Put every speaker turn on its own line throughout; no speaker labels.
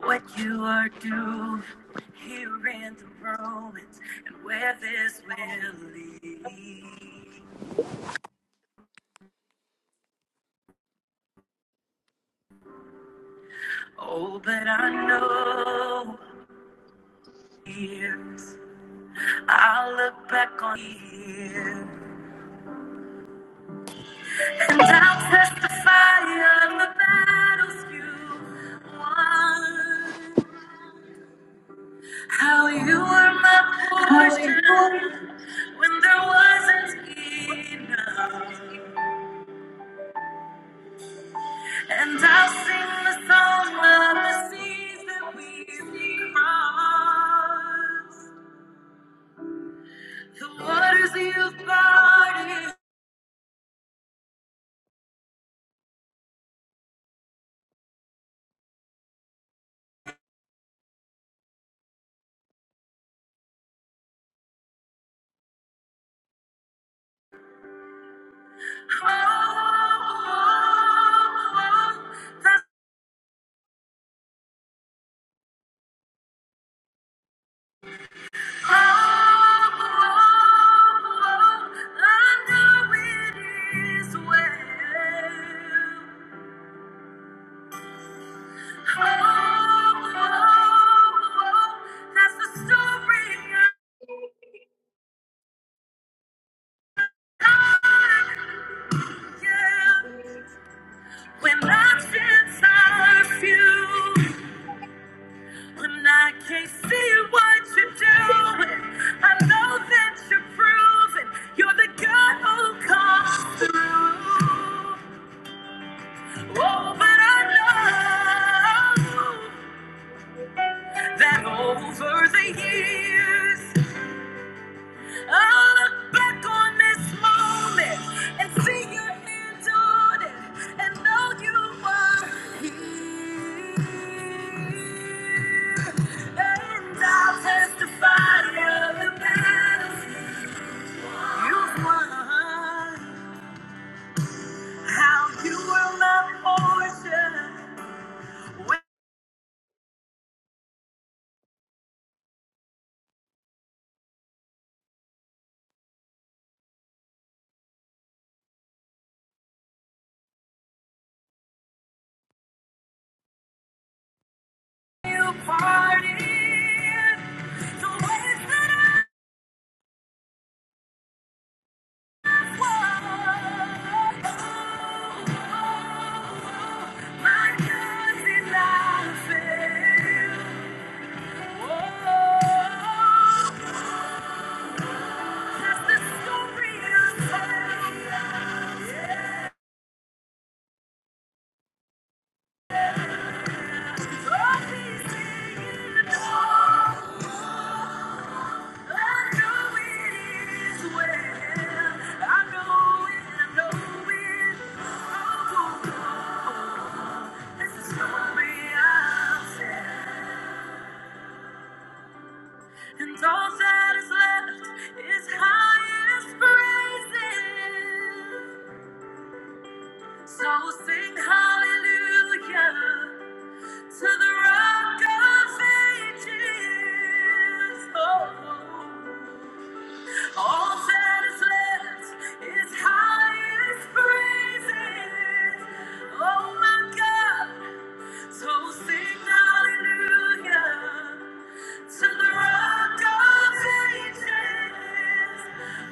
What you are doing here in the ruins, and where this will lead. Oh, but I know years. I'll look back on here and I'll testify of the battles you won. How you were my portion
Hallelujah.
when there wasn't enough. And I'll sing the song of the seas that we've crossed. The waters you've parted. Oh, oh, oh, that's- oh, oh, oh, I know it is well. Oh, oh, oh, that's the story I- thought. Yeah. When options are few, when I can't see what you're doing, I know that you're proven you're the God who comes through. Oh, but I know that over the years. Look back on this moment and see your hand on it and know you are here. And I'll testify of the battles you've won, how you were my portion when you parted. The ways that I walked, And all that is left is highest praises. So sing hallelujah to the rock of ages. Oh, all that is left is highest praises. Oh my God, so sing hallelujah to the rock of ages.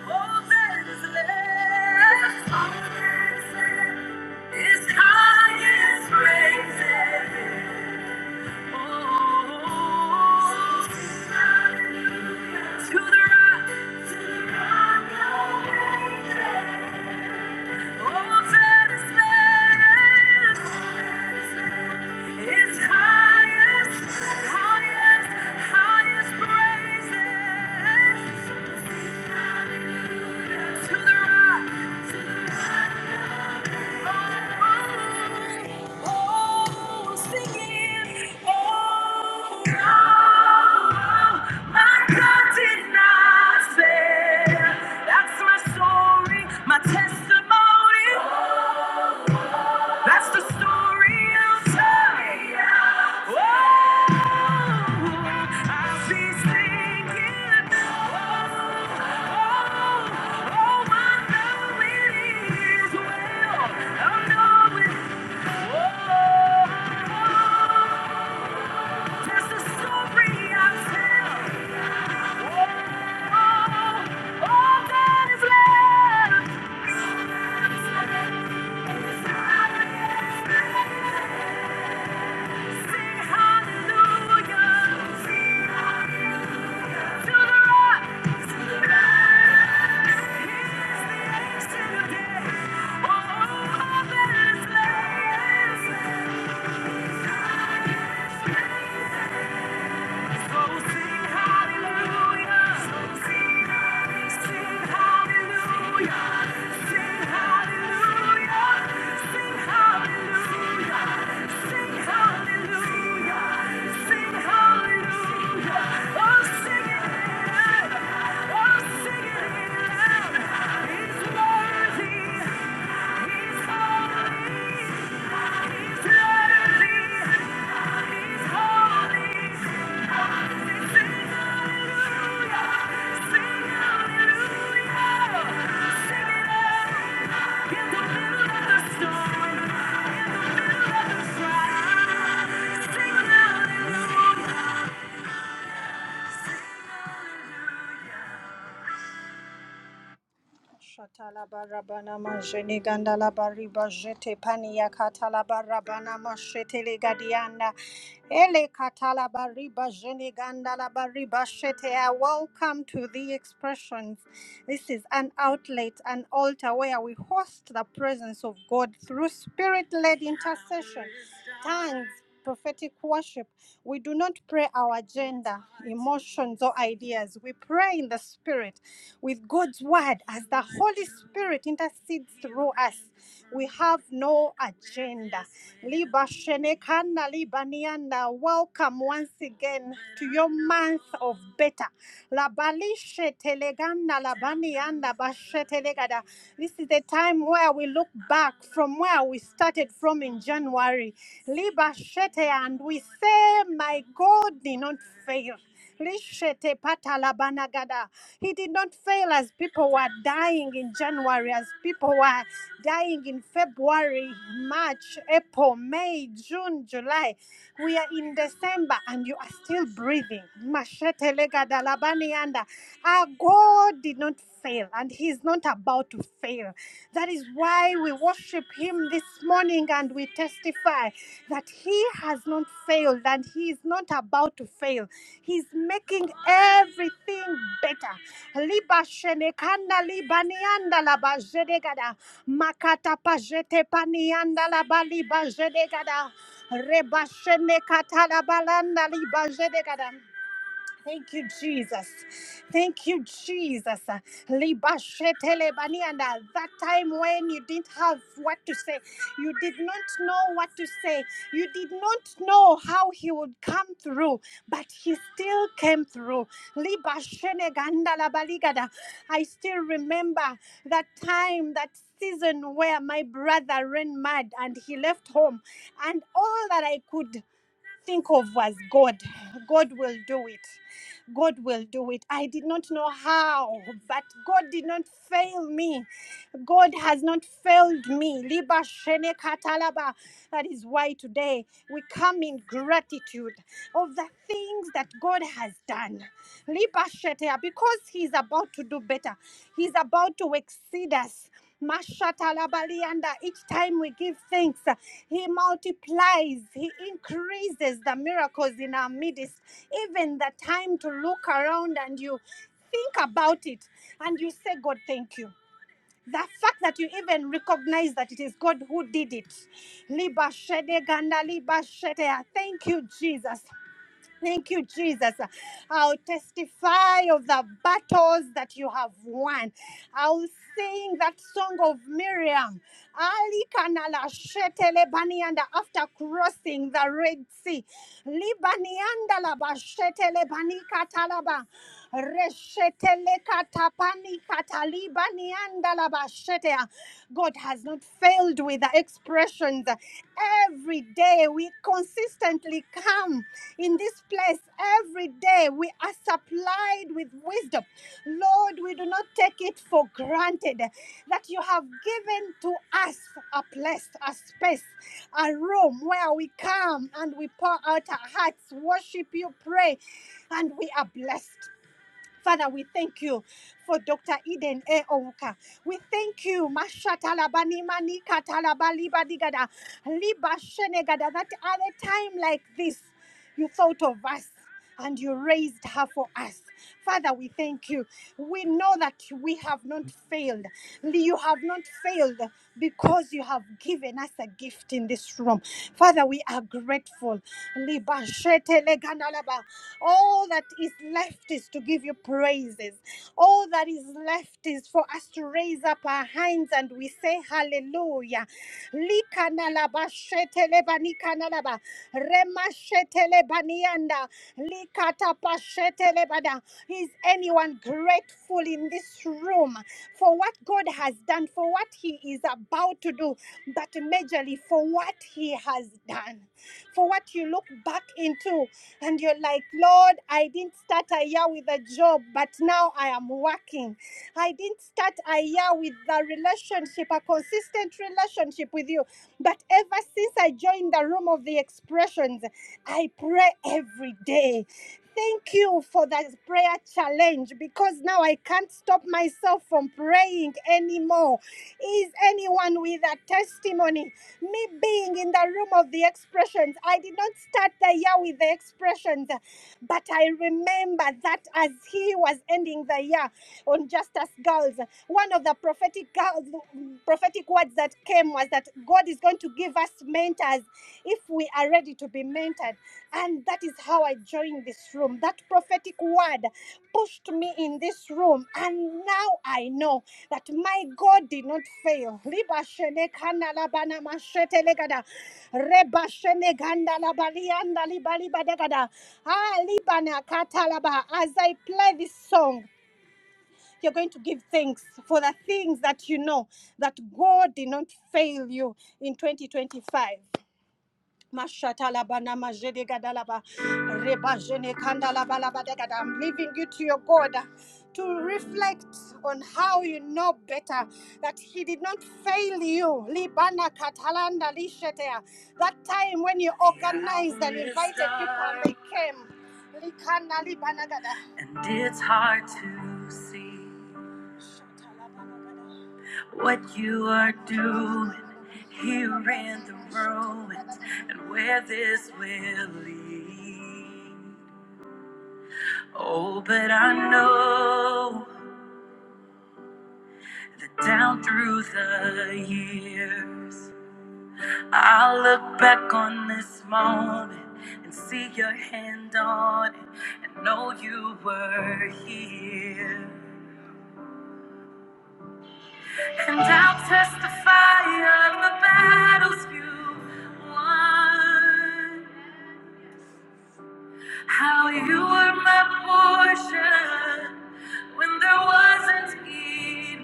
All that is left, all that is left is highest praises. Oh, sing hallelujah to the rock, to the rock of ages. Hallelujah. To the rock, to the rock. My testimony, that's the story I'll tell. Oh, I'll be singing. Oh, oh, oh, I know it is well. I know it. Oh, oh, oh, that's the story I'll tell. Thank you. He's worthy. He's holy. He's worthy. Sing hallelujah! Sing it out. in the the middle of the Storm. Shatalabana Majene Gandala Bariba Jete Pania Catalabarabana Mashetele Gadiana Ele Catalabariba Jene Gandala Bariba Shete. Welcome to the expressions. This is an outlet, an altar where we host the presence of God through spirit led intercession, tongues prophetic worship, we do not pray our agenda, emotions, or ideas. We pray in the Spirit with God's Word as the Holy Spirit intercedes through us. We have no agenda. Liba shenekana, liba nianda. Welcome once again to your month of better. Labalishe telegana, labanianda, bashe telegada. This is the time where we look back from where we started from in January. Liba shete, and we say, My God did not fail. Lishete patalabanagada. He did not fail as people were dying in January, as people were dying in February, March, April, May, June, July. We are in December and you are still breathing. Mashete legada labani yanda. Our God did not not fail and he is not about to fail. That is why we worship him this morning and we testify that he has not failed and he is not about to fail. He's making everything better. Liba shenekanda liba laba jedegada. Makata pajete panianda laba liba jedegada. Reba shenekata laba landa liba jedegada. Thank you, Jesus. Thank you, Jesus. Uh, libashetelebanianda. That time when you didn't have what to say, you did not know what to say, you did not know how he would come through, but he still came through. Libashenegandalabaligada. I still remember that time, that season where my brother ran mad and he left home, and all that I could think of was God. God will do it. God will do it. I did not know how, but God did not fail me. God has not failed me. Liba shene katalaba. That is why today we come in gratitude of the things that God has done. Liba shetea, Because He's about to do better, He's about to exceed us. Mashatalabalianda. Each time we give thanks, uh, He multiplies, He increases the miracles in our midst. Even the time to look around and you think about it and you say, God, thank you. The fact that you even recognize that it is God who did it. Liba shede ganda liba shete. Thank you, Jesus. Thank you, Jesus. I'll testify of the battles that you have won. I'll sing that song of Miriam. Ali kanala shetele banianda after crossing the Red Sea. Libanianda laba shetele banika talaba. Reshetele katapani katalibanianda laba shetea. God has not mouth filled with the expressions. Every day we consistently come in this place. Every day we are supplied with wisdom. Lord, we do not take it for granted that you have given to us a place, a space, a room where we come and we pour out our hearts, worship you, pray, and we are blessed. Father, we thank you for Dr. Eden A. Ouka. We thank you, Masha Talabani Manika Talabali Badigada, Liba Shenegada, that at a time like this, you thought of us and you raised her for us. Father, we thank you. We know that we have not failed. You have not failed because you have given us a gift gift in this room. Father, we are grateful. All that is left is to give you praises. All that is left is for us to raise up our hands and we say hallelujah. Is anyone grateful in this room for what God has done, for what He is about to do, but majorly for what He has done? For what you look back into and you're like, Lord, I didn't start a year with a job, but now I am working. I didn't start a year with a relationship, a consistent relationship with you, but ever since I joined the room of the expressions, I pray every day. Thank you for that prayer challenge because now I can't stop myself from praying anymore. Is anyone with a testimony? Me being in the room of the expressions, I did not start the year with the expressions. But I remember that as he was ending the year on Justice Girls, one of the prophetic girls, prophetic words that came was that God is going to give us mentors if we are ready to be mentored. And that is how I joined this room. That prophetic word. God pushed me in this room, and now I know that my God did not fail. Riba shene kana labana mashete legada. Reba shene ganda labalianda libaliba degada. Ah, libana katalaba. As I play this song, you're going to give thanks for the things that you know that God did not fail you in 2025. Mashatalabana majedegadalaba, rebajene kandalabalabadegada. I'm leaving you to your God uh, to reflect on how you know better that He did not fail you. Libana katalanda lishetea. That time when you organized and invited people and they came. Likana libanagada. And it's hard to see Shatala bana gada what you are doing here in the ruins and where this will lead. Oh, but I know that down through the years, I'll look back on this moment and see your hand on it and know you were here. And I'll testify of the battles you won. How you were my portion when there wasn't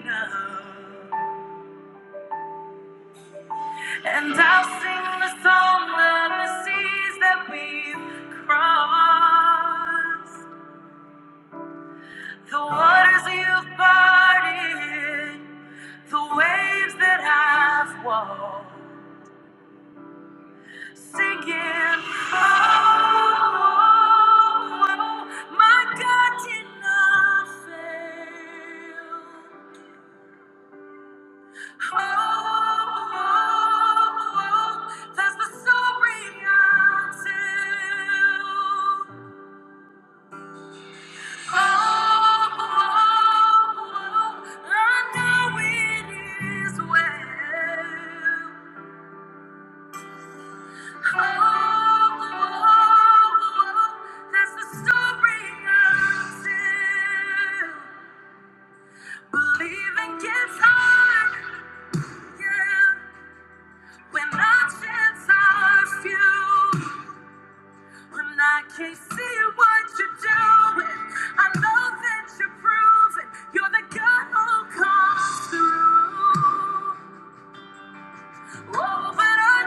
enough. And I'll sing the song of the seas that we've crossed. The waters you've parted, the waves that I've walked. Singing, oh, my God did not fail. Oh, oh, oh, that's the story I Oh, oh, oh, I know it is well. Oh, oh, oh, that's the story I Believing gets hard, yeah, when our chance are few. When I can't see what you're doing, I know that you're proving you're the God who comes through. Oh, but I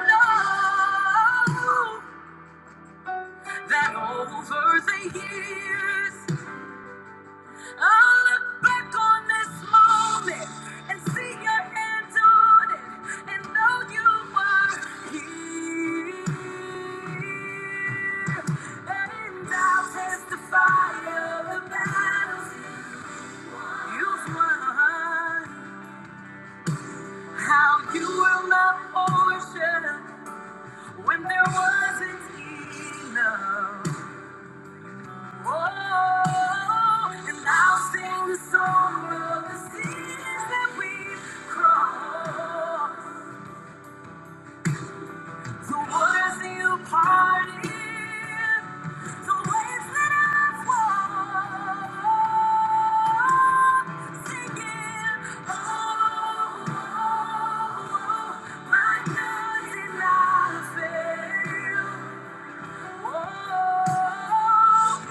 know that over the years. I'll look back on this moment and see your hand on it and know you were here. And I'll testify of the battles you've won. How you will not overshadow when there wasn't enough. Oh, and I'll sing the song of the seas that we've crossed, the waters you parted, the waves that I've walked, singing, oh, oh, oh, my God, did I fail? Oh.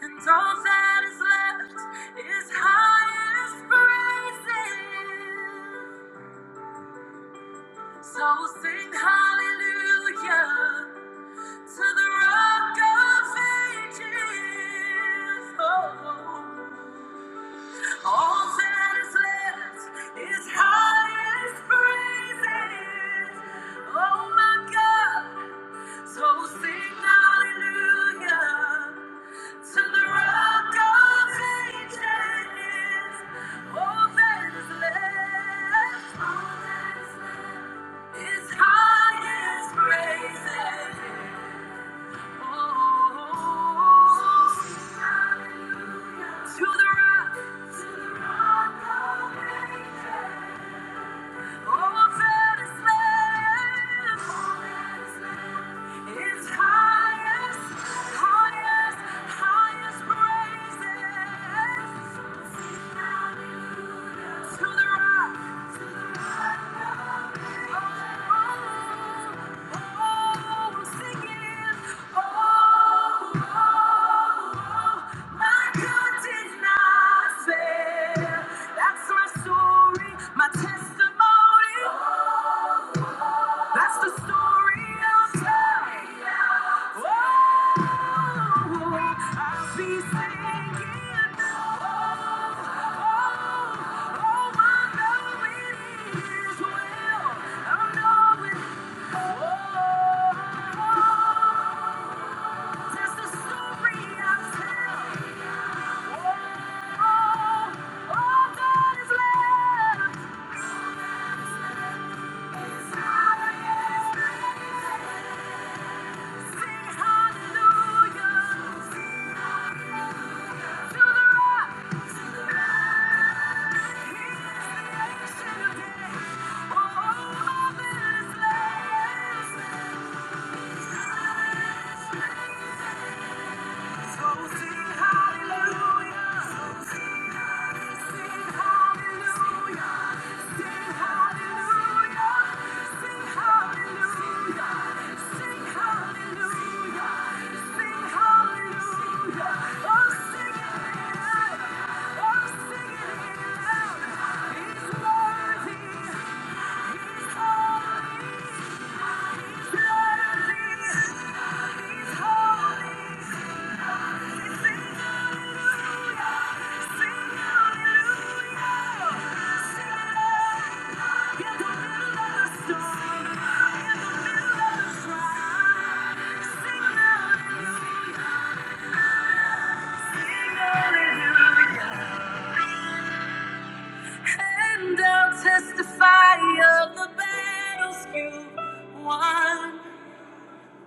And all that is left is highest praises. So sing hallelujah to the rock of ages. Oh, all that is left is highest praises. Oh my God. So sing hallelujah to the rock of ages. All that is left. All that is left. His highest praises. Oh, To the rock, to the rock of ages. Oh, that is left. Oh, that is left. His highest, highest, highest praises. Hallelujah. To the rock, that's my story, my testimony. That's the story of love. Oh, I'll be singing. Oh, oh, oh, my love it is well. I know it. Oh, that's the story I tell. Oh, Hallelujah. And I'll testify of the battles you won,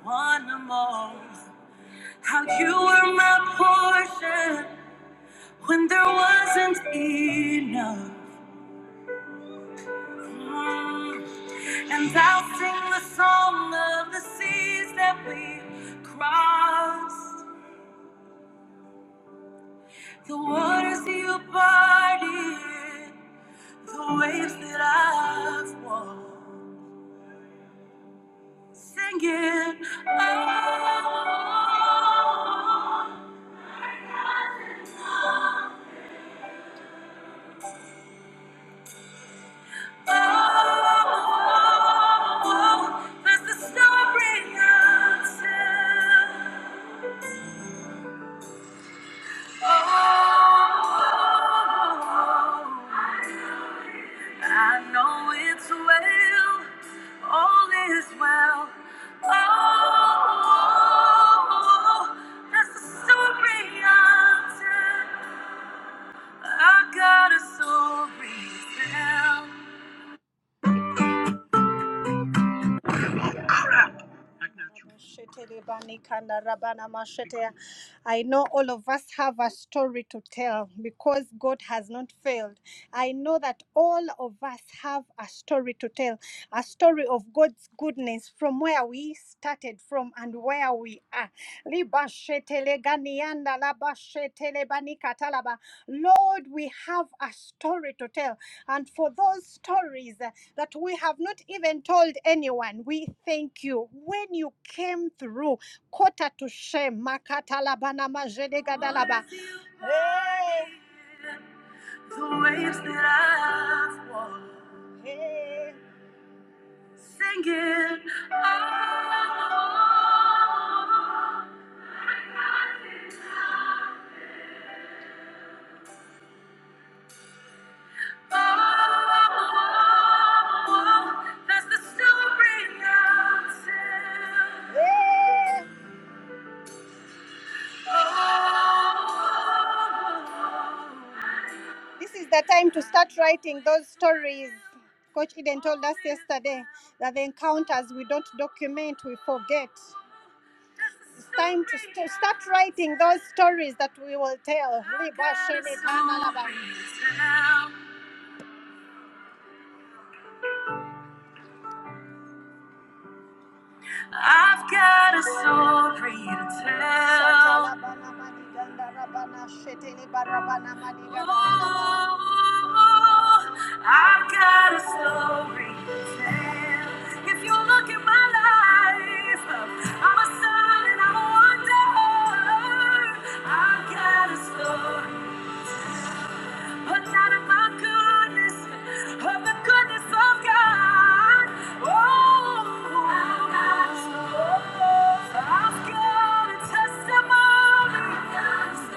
won more. How you were my portion when there wasn't enough. And I'll sing the song of the seas that we crossed, the waters you parted, the waves that I've walked. Singing, oh, oh, oh, oh, there's the story I'll tell. Oh, I know it's well, all is well. Oh, that's the story I'm telling. I got a story to tell. I know all of us have a story to tell because God has not failed. I know that all of us have a story to tell, a story of God's goodness from where we started from and where we are. Yanda laba shetele bani katalaba. Lord, we have a story to tell. And for those stories uh, that we have not even told anyone, we thank you. When you came through, quarter to shame, makatalaba na majedegadalaba. Hey. The waves that I've walked. Hey. Singing. Oh, oh, oh, oh, oh. This is the time to start writing those stories. Coach Eden told us yesterday that the encounters we don't document, we forget. It's time to st- start writing those stories that we will tell. I've got a story to tell. Ooh, I've got a story to tell. If you look at my life, I'm a son and I'm a wonder. I've got a story but not of my goodness, of the goodness of God. Oh, God is good. I've got a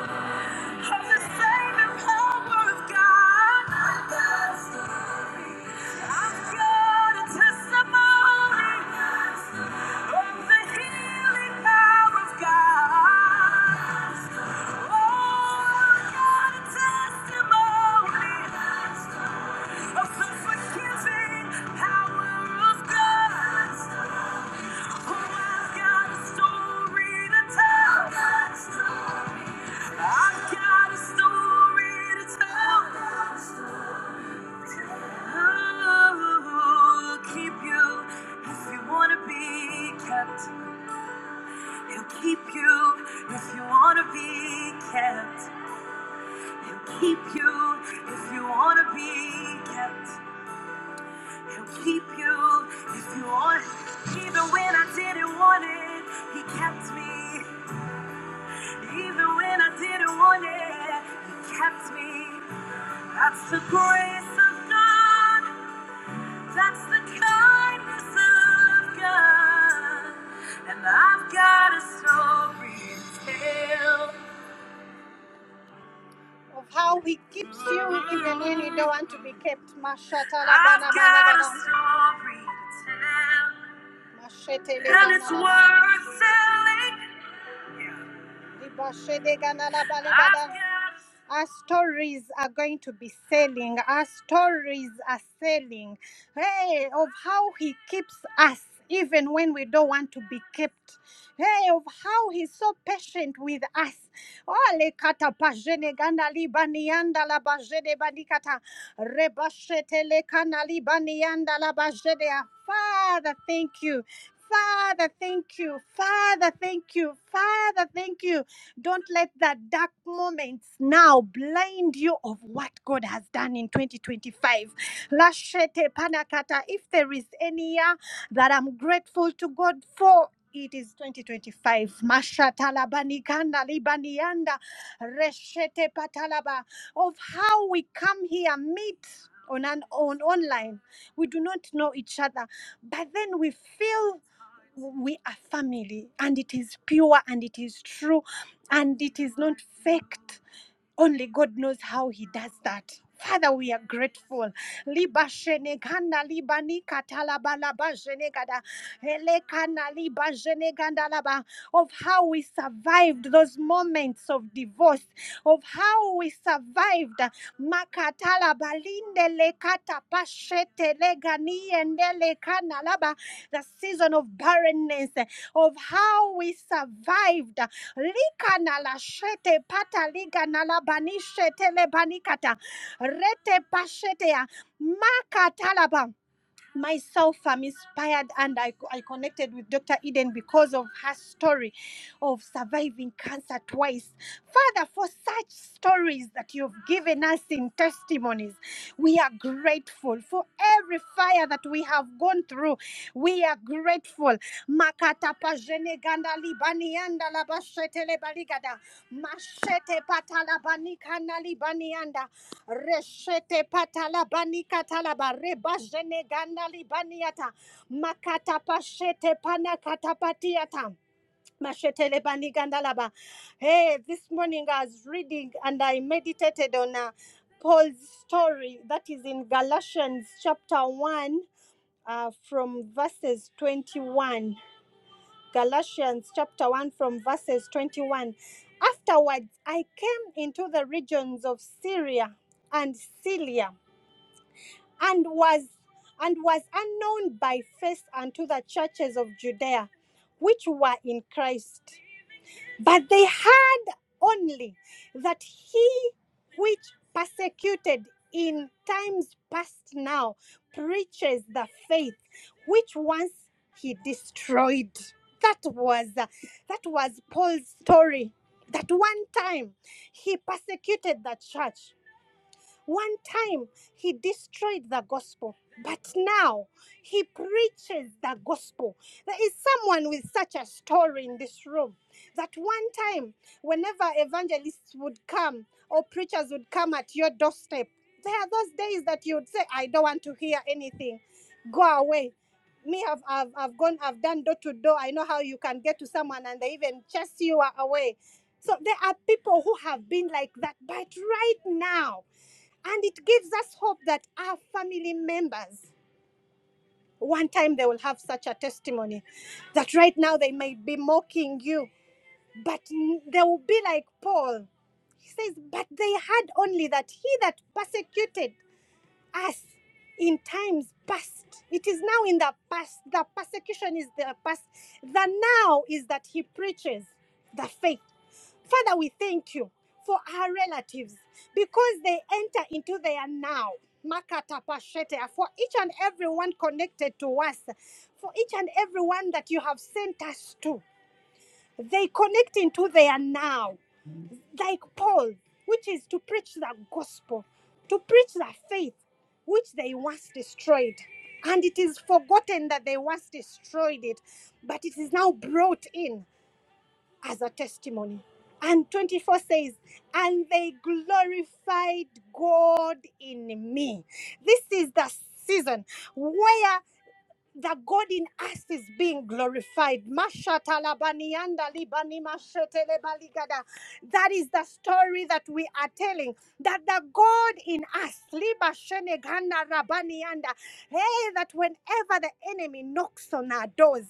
testimony. Of the saving power of God. I'm God's story. I've got a testimony of the healing power of God. Oh, I've got a testimony of the forgiving power of God. Keep you if you wanna be kept. He'll keep you if you wanna be kept. He'll keep you if you want. Even when I didn't want it, he kept me. Even when I didn't want it, He kept me. That's the grace of God. That's the kindness of God. And I've got a story to tell. Of how he keeps you even when you don't want to be kept. Mashatalabana I've got a story to tell. And it's worth telling. Our stories are going to be selling. Our stories are selling. Hey, of how he keeps us even when we don't want to be kept. Hey, of how he's so patient with us. Ole kata pajene ganda libani yanda la bajede banikata rebashete le kana libani yanda la bajede. Father, thank you. Father, thank you. Father, thank you. Father, thank you. Don't let that dark moments now blind you of what God has done in 2025. Lashete panakata. If there is any year that I'm grateful to God for, it is 2025. Mashata labanikanda libanianda reshete patalaba. Of how we come here, meet on an on online. We do not know each other, but then we feel we are family and it is pure and it is true and it is not faked only God knows how He does that. Father, we are grateful. Liba sheneganda liba nikata laba shenegada helekana liba sheneganda laba of how we survived those moments of divorce, of how we survived makata laba lekata pashete legani ende lekana laba the season of barrenness, of how we survived. Lika na shete pata liga na la banishete le banikata. Rete pashetea. Maka myself i'm inspired and I, I connected with dr eden because of her story of surviving cancer twice father for such stories that you've given us in testimonies we are grateful for every fire that we have gone through we are grateful makata pajene ganda libani anda labashete lebaligada mashete patala banikana Reshete patala bani katalaba reba jene ganda libaniata makata pashete pana katapatiata mashete lebani gandalaba. Hey, this morning I was reading and I meditated on uh, Paul's story that is in Galatians chapter one, uh, from verses twenty-one. Galatians chapter 1 from verses 21. Afterwards, I came into the regions of Syria and Cilicia and was and was unknown by face unto the churches of Judea which were in Christ but they heard only that he which persecuted in times past now preaches the faith which once he destroyed that was uh, that was Paul's story that one time he persecuted the church one time he destroyed the gospel, but now he preaches the gospel. There is someone with such a story in this room that one time, whenever evangelists would come or preachers would come at your doorstep, there are those days that you'd say, I don't want to hear anything. Go away. Me, I've, I've, I've gone, I've done door to door. I know how you can get to someone and they even chase you away. So there are people who have been like that. But right now, and it gives us hope that our family members, one time they will have such a testimony that right now they may be mocking you, but they will be like Paul. He says, But they had only that he that persecuted us in times past. It is now in the past. The persecution is the past. The now is that he preaches the faith. Father, we thank you for our relatives because they enter into their now. Makata pashetea, For each and every one connected to us, for each and every one that you have sent us to, they connect into their now like Paul, which is to preach the gospel, to preach the faith which they once destroyed. And it is forgotten that they once destroyed it, but it is now brought in as a testimony. And 24 says, And they glorified God in me. This is the season where that God in us is being glorified. Mashata labanianda libani mashete lebaligada. That is the story that we are telling. That the God in us, liba shene gana rabanianda. hey, that whenever the enemy knocks on our doors,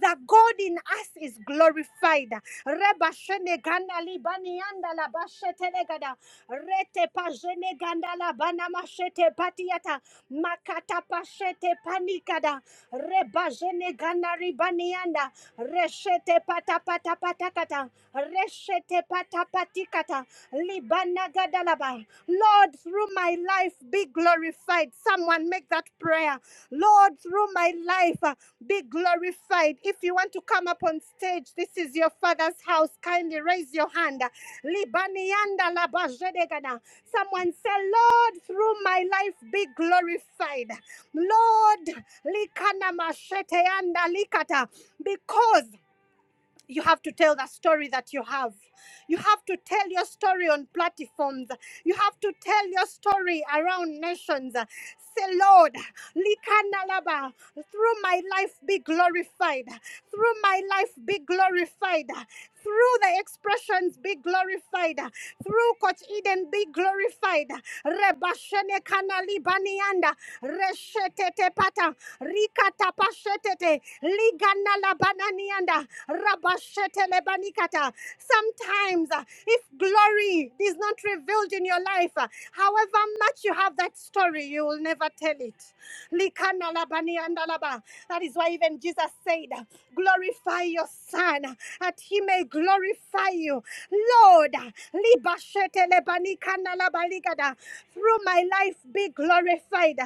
the God in us is glorified. Reba shene gana libanianda laba shete legada. Rete pa jene ganda labana mashete patiata. Makata pashete panikada rebajene gana ribanianda, reshete pata pata patakata, reshete pata patikata, libana gadalaba, Lord, through my life, be glorified. Someone make that prayer. Lord, through my life, uh, be glorified. If you want to come up on stage, this is your father's house. Kindly raise your hand. Libanianda labajedegana. Someone say, Lord, through my life, be glorified. Lord, likana masheteanda likata. because you have to tell the story that you have. You have to tell your story on platforms. You have to tell your story around nations. Say, Lord, Likanalaba, through my life be glorified. Through my life be glorified. Through the expressions be glorified. Through Coach Eden be glorified. Rebashene kanali banianda. Reshetete pata. Rikata pashetete la bananianda, rabashete banikata. Sometimes, uh, if glory is not revealed in your life, uh, however much you have that story, you will never tell it. Likana la banianda la That is why even Jesus said, Glorify your Son, that he may glorify you. Lord, libashete banikana la baligada. through my life be glorified.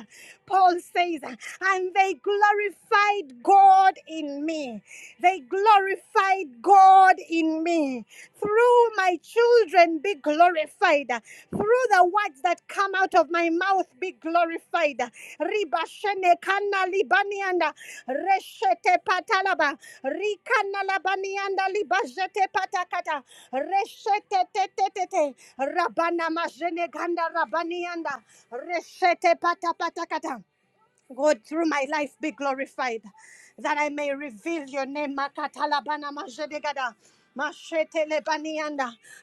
Paul says, And they glorified glorified God in me. They glorified God in me. Through my children, be glorified. Through the words that come out of my mouth, be glorified. Ribashene kana libanianda, reshete patalaba, rikana labanianda libajete patakata, reshete te rabana majene ganda rabanianda, reshete patapatakata. God, through my life be glorified, that I may reveal your name. Makatalabana majedegada,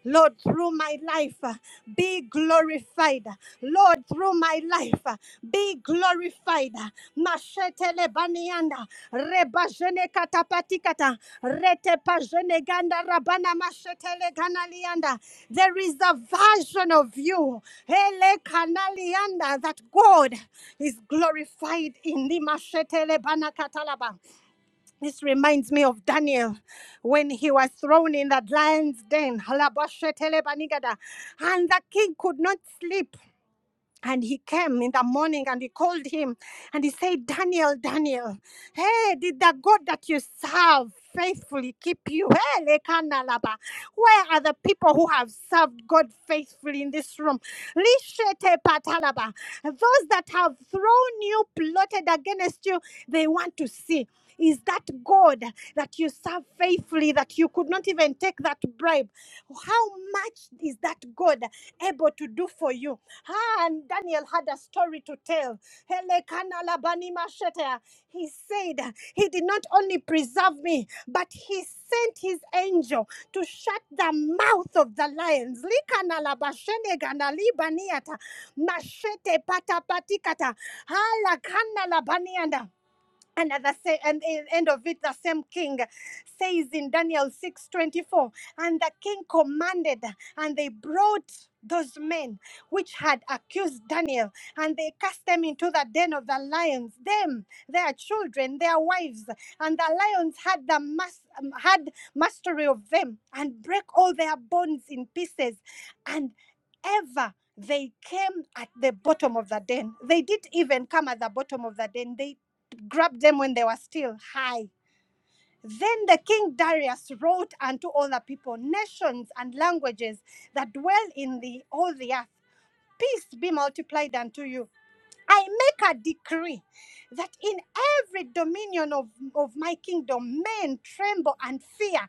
Lord, through my life uh, be glorified. Lord, through my life uh, be glorified. Mashetelebanianda, rebajenekatapatikata, retepajeneganda rabana masheteleganalianda. There is a version of you, Elekanalianda, that God is glorified in the Mashetele Banakatalaba. This reminds me of Daniel when he was thrown in the lion's den. Halabashetele Banigada. And the king could not sleep and he came in the morning and he called him and he said, Daniel, Daniel, hey, did the God that you serve faithfully keep you? Hey, Lekanalaba, where are the people who have served God faithfully in this room? Lishete patalaba. Those that have thrown you, plotted against you, they want to see. Is that God that you serve faithfully that you could not even take that bribe? How much is that God able to do for you? Ah, and Daniel had a story to tell. Hele kana labani mashete. He said, He did not only preserve me, but He sent His angel to shut the mouth of the lions. Likana labashene gana libaniata. Mashete pata Hala kana labanianda. And at the sa- and in end of it, the same king says in Daniel 6 24. and the king commanded, and they brought those men which had accused Daniel, and they cast them into the den of the lions, them, their children, their wives, and the lions had the mas- um, had mastery of them, and break all their bones in pieces, and ever they came at the bottom of the den. They didn't even come at the bottom of the den. They grabbed them when they were still high. Then the king Darius wrote unto all the people, nations and languages that dwell in the all the earth, peace be multiplied unto you. I make a decree that in every dominion of, of my kingdom men tremble and fear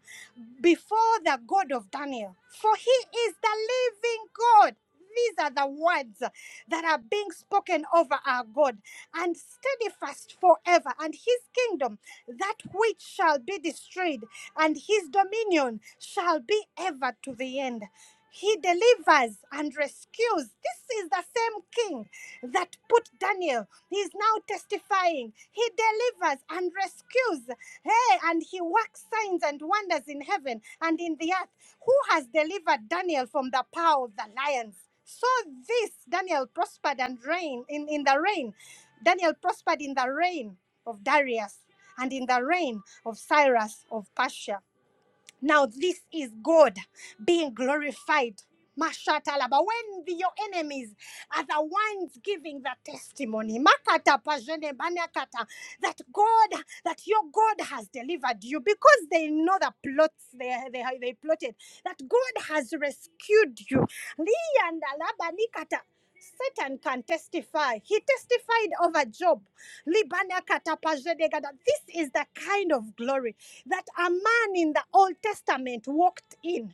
before the God of Daniel, for he is the living God. These are the words that are being spoken over our God and steady fast forever and his kingdom that which shall be destroyed and his dominion shall be ever to the end he delivers and rescues this is the same king that put daniel he is now testifying he delivers and rescues hey and he works signs and wonders in heaven and in the earth who has delivered daniel from the power of the lions so this Daniel prospered and reigned in, in the reign. Daniel prospered in the reign of Darius and in the reign of Cyrus of Persia. Now this is God being glorified. Mashatalaba. When the- your enemies are the ones giving the testimony, Makata pajene banakata, that God, that your God has delivered you because they know the plots they, they, they plotted, that God has rescued you. Leave and Liandalabanikata. Satan can testify. He testified over Job. Libanakatapajedegada. This is the kind of glory that a man in the Old Testament walked in.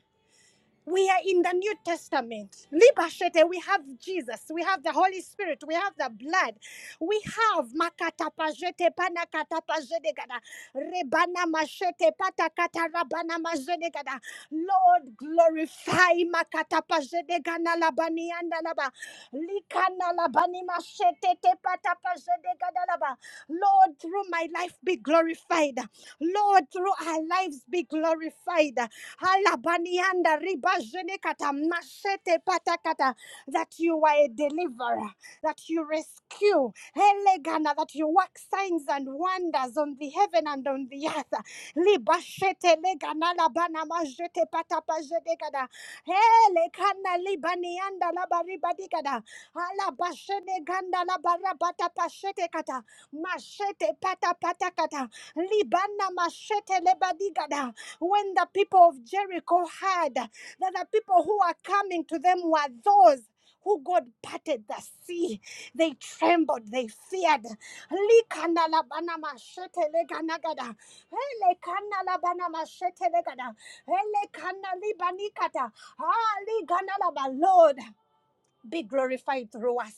We are in the New Testament. Libashete, we have Jesus, we have the Holy Spirit, we have the blood, we have makatapajete panakatapajete gada rebana mashete patakata rabana majete gada. Lord, glorify makatapajete gana labani anda laba likana labani mashete te patapajete gada laba. Lord, through my life be glorified. Lord, through our lives be glorified. Alabanianda ribajenekata mashete patakata. That you are a deliverer, that you rescue. Elegana, that you work signs and wonders on the heaven and on the earth. Libashete legana labana majete patapajedekada. Elekana libanianda labaribadikada. Alabashene ganda labarabata pashete kata. Mashete pata pata kata. Libana mashete lebadigada. When the people of Jericho heard that the people who are coming to them were those who God parted the sea, they trembled, they feared. Likana labana mashete leganagada. Hele kana labana mashete legada. Hele kana libanikata. Ah, ligana laba. Lord be glorified through us.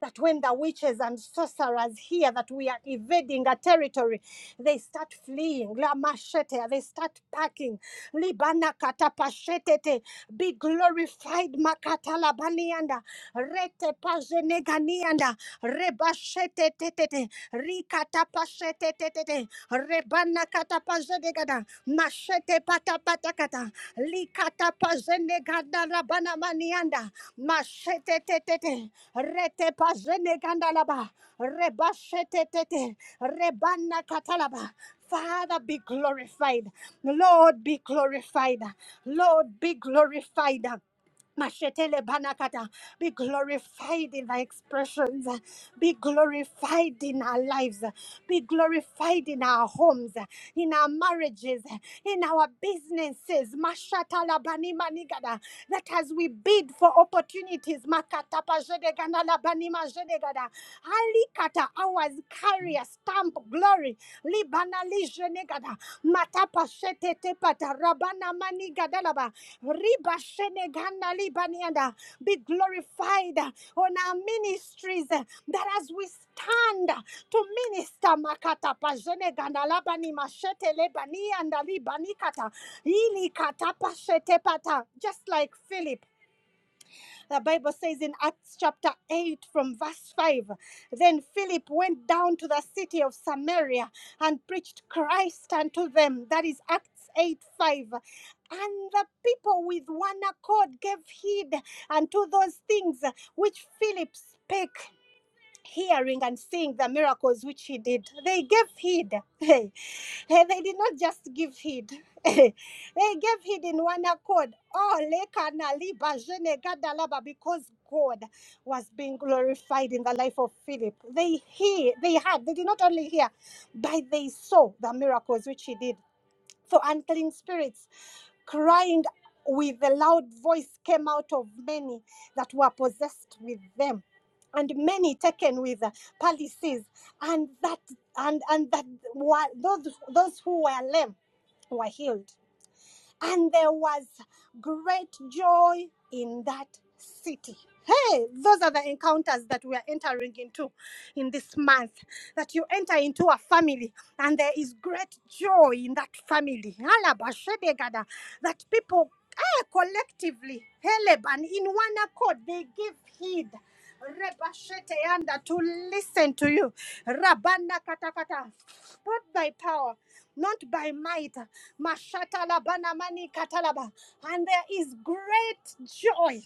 That when the witches and sorcerers hear that we are invading a territory, they start fleeing. La machete, they start packing. Libana katapashetete. Be glorified, makatala banianda. Rete pajeneganianda. Rebashete tetete. Rikatapashete tetete. Rebana katapajenegada. Machete patapatakata. Likatapajene ganda rabana manianda. Mashetetete, rete pazene gandalaba, rebashetetete, rebana katalaba. Father, be glorified. Lord, be glorified. Lord, be glorified. Mashetele banakata. Be glorified in our expressions. Be glorified in our lives. Be glorified in our homes, in our marriages, in our businesses. Mashatala bani manigada. That as we bid for opportunities, makatapa jedegana la bani majedegada. Alikata ours carry a stamp of glory. Libana li matapa sete te pata rabana mani gadalaba riba shene gana libanianda be glorified on our ministries that as we stand to minister makata pajene gandalaba ni mashete lebani and libani kata ili kata pashete pata just like Philip the Bible says in Acts chapter 8 from verse 5 Then Philip went down to the city of Samaria and preached Christ unto them. That is Acts 8 5. And the people with one accord gave heed unto those things which Philip spake hearing and seeing the miracles which he did they gave heed hey hey, they did not just give heed they gave heed in one accord oh lekana liba jene gadalaba, because god was being glorified in the life of philip they hear they had they did not only hear but they saw the miracles which he did for unclean spirits, crying with a loud voice came out of many that were possessed with them and many taken with uh, and that and and that were, those those who were lame were healed and there was great joy in that city. Hey, those are the encounters that we are entering into in this month. That you enter into a family and there is great joy in that family. Alabashedegada, That people eh, collectively, heleb, and in one accord, they give heed. Rebasheteanda, To listen to you. Rabana katakata. Put thy power not by might. Mashata labana mani katalaba. And there is great joy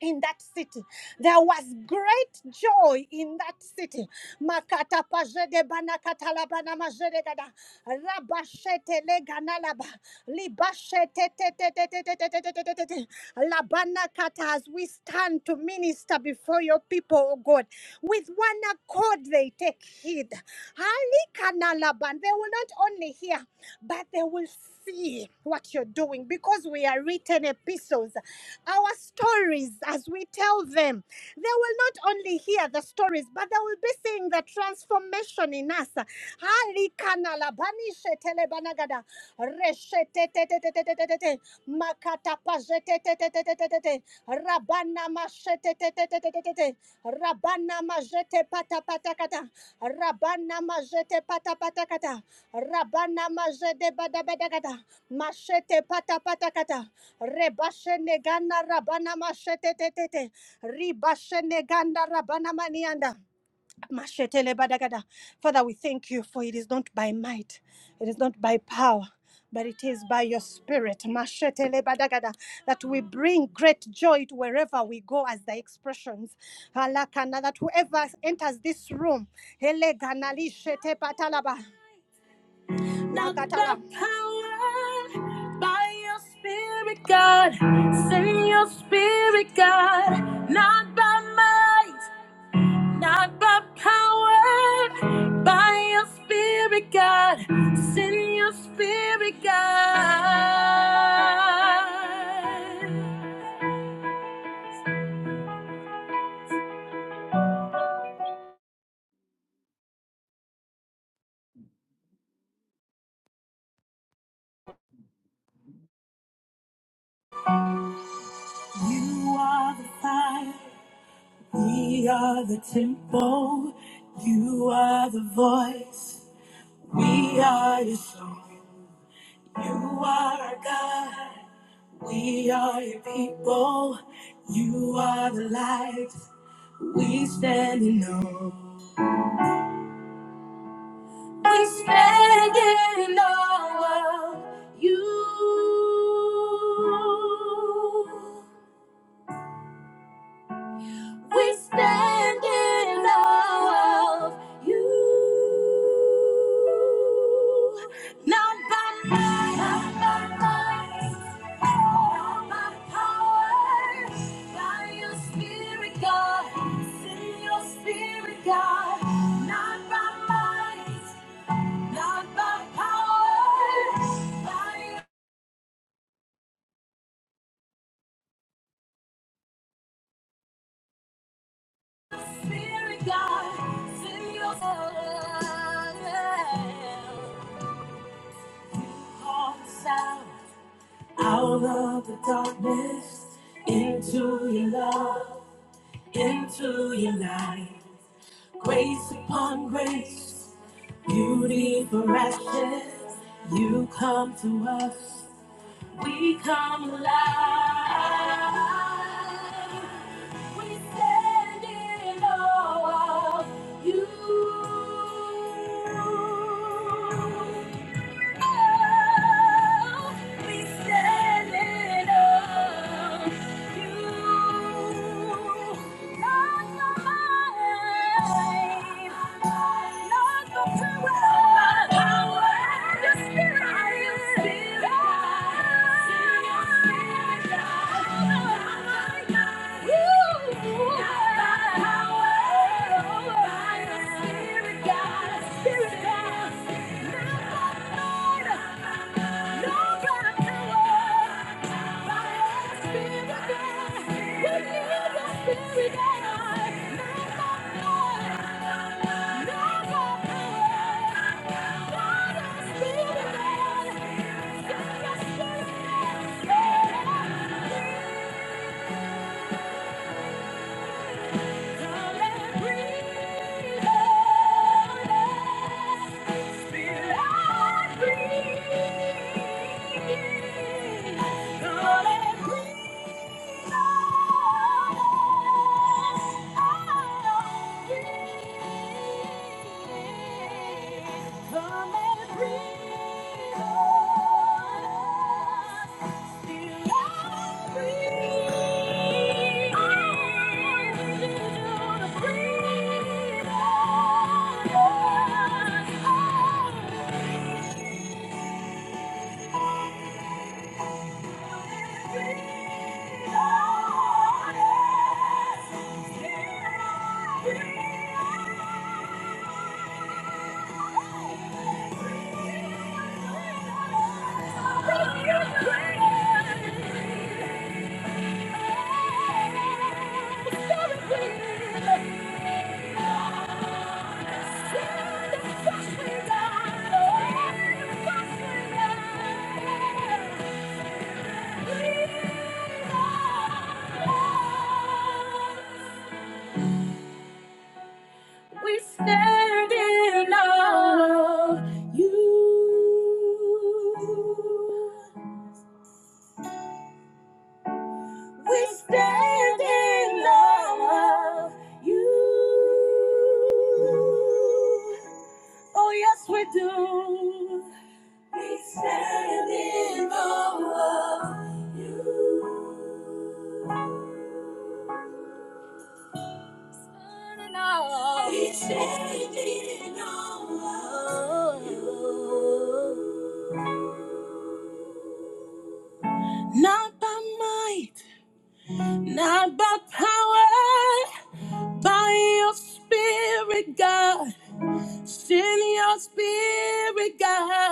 in that city. There was great joy in that city. Makata pajede bana katala bana majede gada. Rabashete le laba. Libashete te te te te te te te te te te Labana kata as we stand to minister before your people, O God. With one accord they take heed. Ali kana laban. They will not only hear, but they will see what you're doing because we are written epistles. Our stories, as we tell them, they will not only hear the stories, but they will be seeing the transformation in us. Halikana labanishe telebanagada, reshetetetetetetetete, makatapajetetetetetetete, rabana mashetetetetetetete, rabana majete patapatakata, rabana majete patapatakata. Rabana mazede bada bada gada. Mashete pata pata kata. Rebashe negana rabana mashete te Ribashe negana rabana manianda. Mashete le bada gada. Father, we thank you for it is not by might, it is not by power. But it is by your spirit, Mashete le that we bring great joy to wherever we go as the expressions. Halakana, That whoever enters this room, Hele ganali shete patalaba. Not the power by your spirit, God. Send your spirit, God. Not by might, not by power. By your spirit, God. Send your spirit, God. You are the fire, we are the temple. You are the voice. We are your song. You are our God. We are your people. You are the light. We stand in awe. We stand in awe of you. We stand in awe of you. Not by might, not by might, not by power. By your spirit, God. Send your spirit, God. Not by might, not by power. By your spirit, God. Send your spirit. hearts out, out of the darkness, into your love, into your light. Grace upon grace, beauty for ashes, you come to us, we come alive. We stand in awe of you. We stand on you. Not the might, not the power, but your spirit. God. Ooh. Spirit, Thank breathe. Thank you. We stand in awe of you. We stand in love of you. Oh, yes, we do. We stand in awe of you. Turning on. We stand in awe of you. Not by might, not by power. By your spirit, God, send your spirit, God.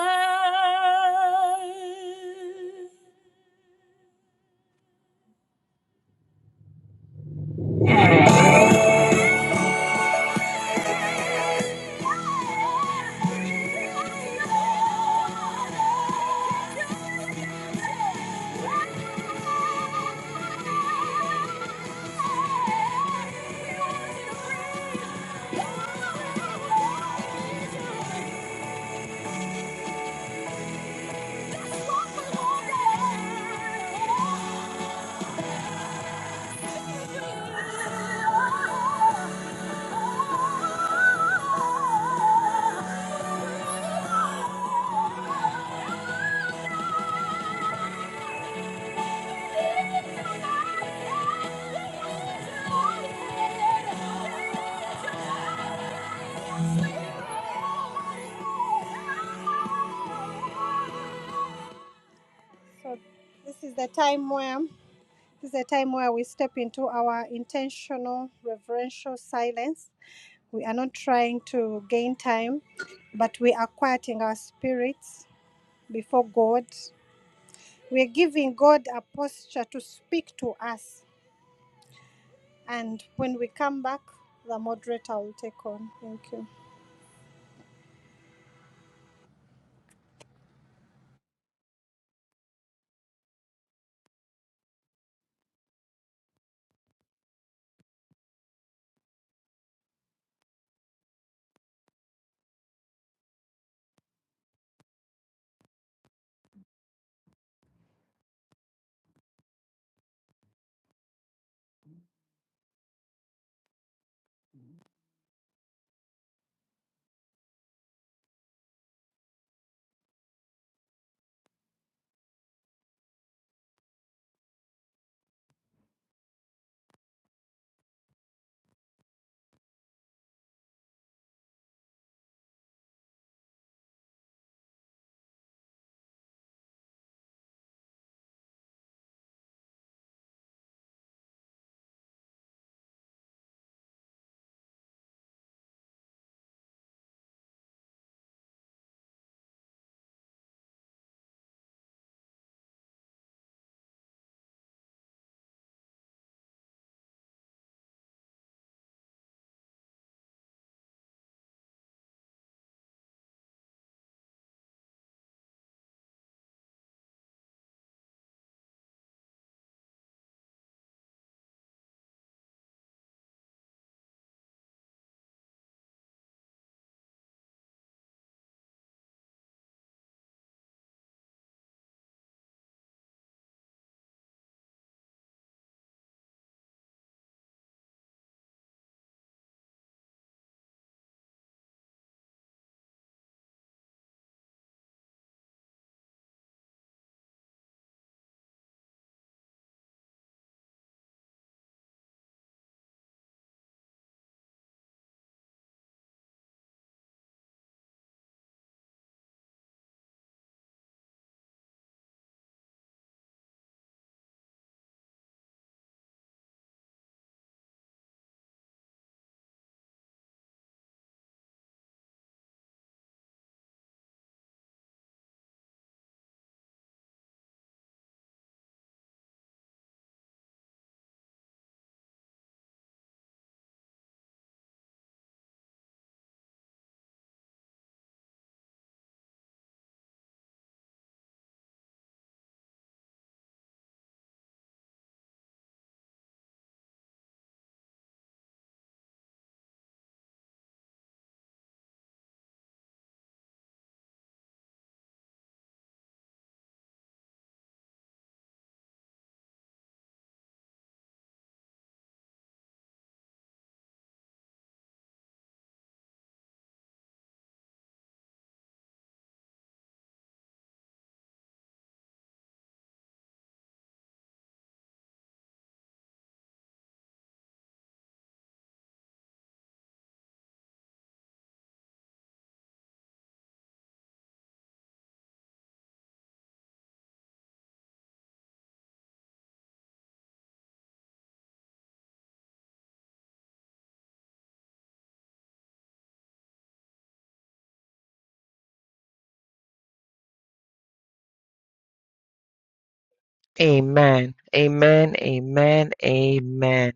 So this is the time where this is the time where we step into our intentional reverential silence. We are not trying to gain time, but we are quieting our spirits before God. We are giving God a posture to speak to us And when we come back, the moderator will take on. Thank you.
Amen. Amen. Amen. Amen.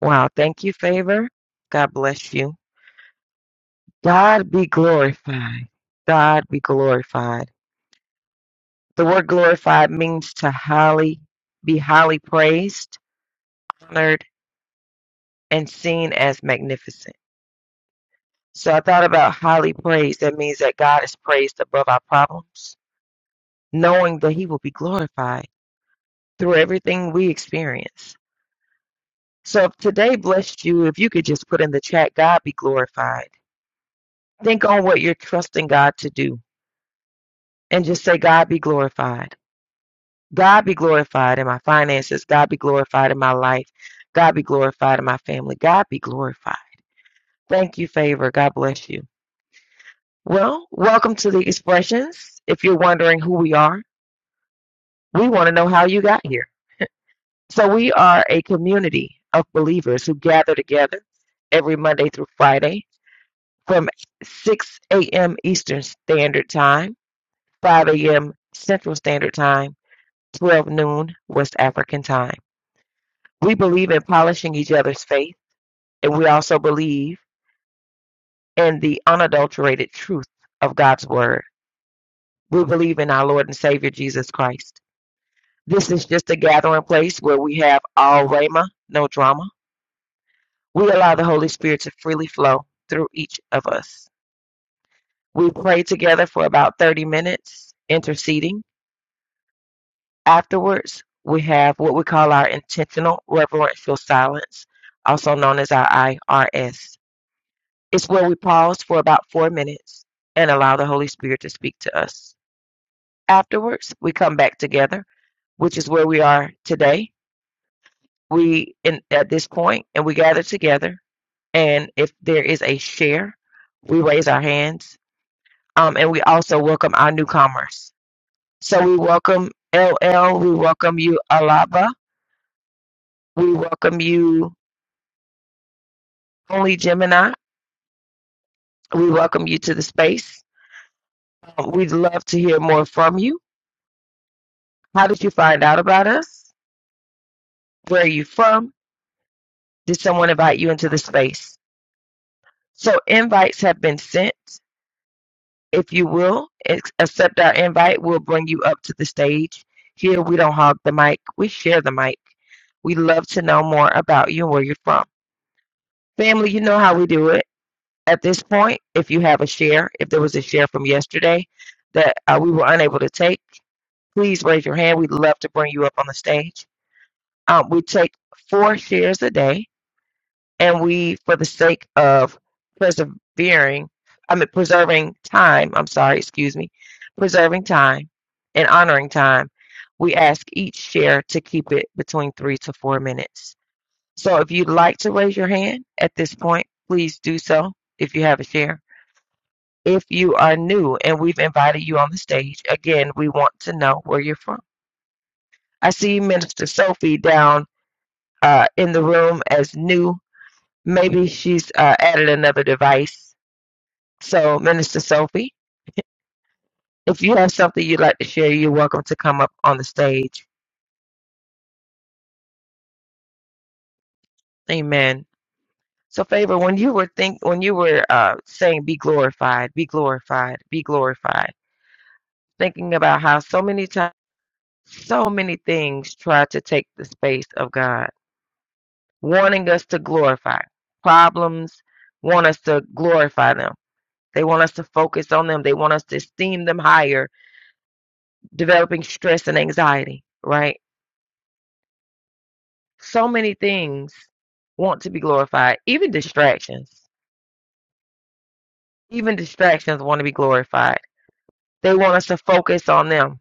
Wow. Thank you, Favor. God bless you. God be glorified. God be glorified. The word glorified means to highly be highly praised, honored, and seen as magnificent. So I thought about highly praised. That means that God is praised above our problems, knowing that He will be glorified through everything we experience. So if today blessed you, if you could just put in the chat, God be glorified. Think on what you're trusting God to do and just say, God be glorified. God be glorified in my finances. God be glorified in my life. God be glorified in my family. God be glorified. Thank you, favor. God bless you. Well, welcome to the expressions. If you're wondering who we are, we want to know how you got here. So, we are a community of believers who gather together every Monday through Friday from 6 a.m. Eastern Standard Time, 5 a.m. Central Standard Time. 12 noon West African time. We believe in polishing each other's faith, and we also believe in the unadulterated truth of God's word. We believe in our Lord and Savior Jesus Christ. This is just a gathering place where we have all Rhema, no drama. We allow the Holy Spirit to freely flow through each of us. We pray together for about 30 minutes, interceding. Afterwards, we have what we call our intentional reverential silence, also known as our IRS. It's where we pause for about four minutes and allow the Holy Spirit to speak to us. Afterwards, we come back together, which is where we are today. We in, at this point, and we gather together. And if there is a share, we raise our hands. Um, and we also welcome our newcomers. So we welcome LL. We welcome you, Alaba. We welcome you, Only Gemini. We welcome you to the space. We'd love to hear more from you. How did you find out about us? Where are you from? Did someone invite you into the space? So invites have been sent. If you will ex- accept our invite, we'll bring you up to the stage. Here we don't hog the mic, we share the mic. We love to know more about you and where you're from. Family, you know how we do it. At this point, if you have a share, if there was a share from yesterday that uh, we were unable to take, please raise your hand. We'd love to bring you up on the stage. Um, we take four shares a day and we, for the sake of persevering, I mean, preserving time, I'm sorry, excuse me, preserving time and honoring time, we ask each share to keep it between three to four minutes. So if you'd like to raise your hand at this point, please do so if you have a share. If you are new and we've invited you on the stage, again, we want to know where you're from. I see Minister Sophie down uh, in the room as new. Maybe she's uh, added another device So, Minister Sophie, if you have something you'd like to share, you're welcome to come up on the stage. Amen. So, favor, when you were think when you were uh, saying "be glorified, be glorified, be glorified," thinking about how so many times, so many things try to take the space of God, wanting us to glorify problems, want us to glorify them. They want us to focus on them. They want us to esteem them higher, developing stress and anxiety. Right so many things want to be glorified, even distractions. Even distractions want to be glorified. They want us to focus on them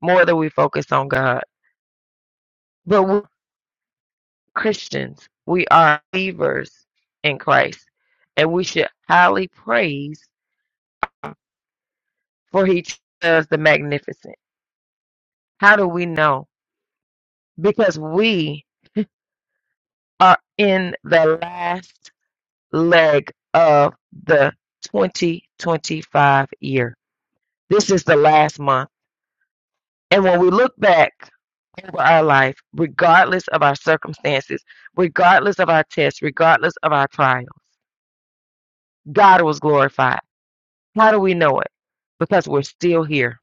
more than we focus on God. But we're Christians, we are believers in Christ, and we should highly praise for He does the magnificent. How do we know? Because we are in the last leg of the 2025 year. This is the last month And when we look back over our life, regardless of our circumstances, regardless of our tests, regardless of our trials, God was glorified. How do we know it? Because we're still here.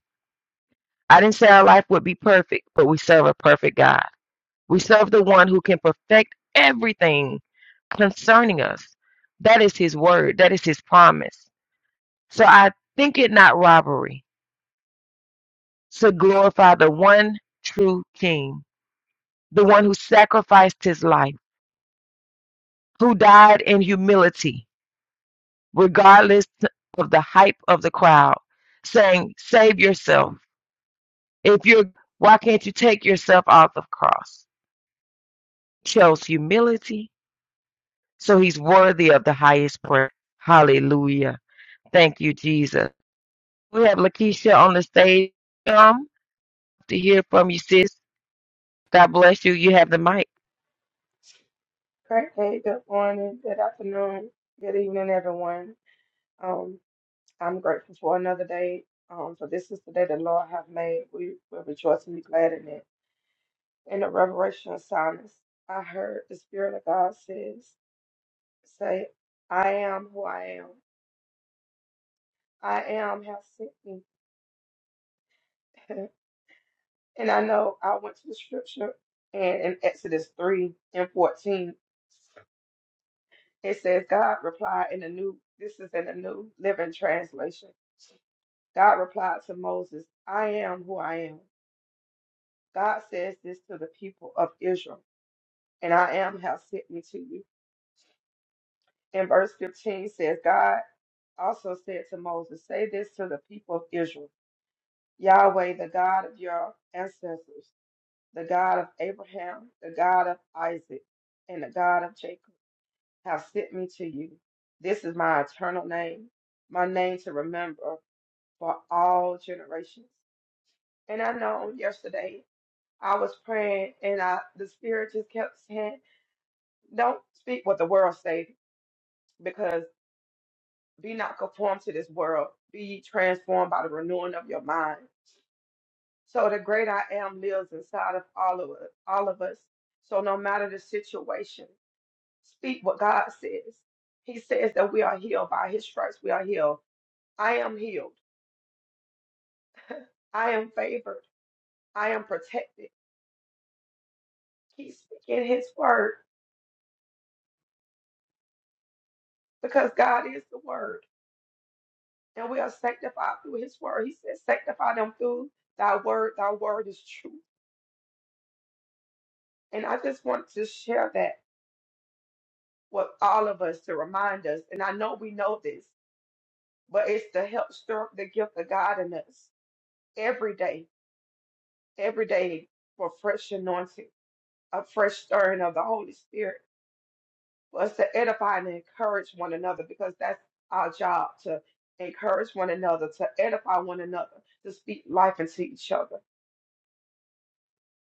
I didn't say our life would be perfect, but we serve a perfect God. We serve the one who can perfect everything concerning us. That is his word, that is his promise. So I think it not robbery to glorify the one true king, the one who sacrificed his life who died in humility, regardless of the hype of the crowd, saying, Save yourself. If you're, why can't you take yourself off the cross? Chose humility, so he's worthy of the highest prayer. Hallelujah. Thank you, Jesus. We have Lakeisha on the stage. Um, to hear from you, sis. God bless you. You have the mic.
Great. Hey, good morning, good afternoon, good evening, everyone. Um, I'm grateful for another day. Um, for this is the day the Lord have made. We will rejoice and be glad in it. In the revelation of silence, I heard the Spirit of God says, say, I am who I am. I am have sent me. and I know I went to the scripture and in Exodus 3 and 14, it says, God replied in the new, this is in the new living translation. God replied to Moses, I am who I am. God says this to the people of Israel, and I am have sent me to you. And verse 15 says, God also said to Moses, Say this to the people of Israel Yahweh, the God of your ancestors, the God of Abraham, the God of Isaac, and the God of Jacob, have sent me to you. This is my eternal name, my name to remember for all generations. And I know on yesterday I was praying and I the spirit just kept saying, Don't speak what the world say, because be not conformed to this world, be ye transformed by the renewing of your mind. So the great I am lives inside of all of us all of us. So no matter the situation, speak what God says. He says that we are healed by his stripes, we are healed. I am healed. I am favored. I am protected. Keep speaking his word because God is the word. and we are sanctified through his word. He said, sanctify them through thy word. Thy word is true. And I just want to share that with all of us to remind us. And I know we know this, but it's to help stir up the gift of God in us every day, every day for fresh anointing, a fresh stirring of the Holy Spirit, for us to edify and encourage one another because that's our job to encourage one another, to edify one another, to speak life into each other.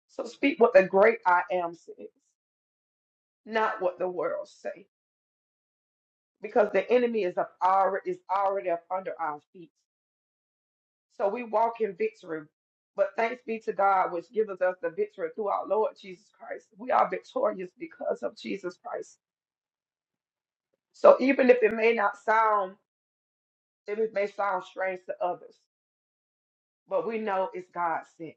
So speak what the great I am says, not what the world say, because the enemy is up already is already up under our feet. So we walk in victory. But thanks be to God, which giveth us the victory through our Lord Jesus Christ. We are victorious because of Jesus Christ. So even if it may not sound, if it may sound strange to others, but we know it's God's sense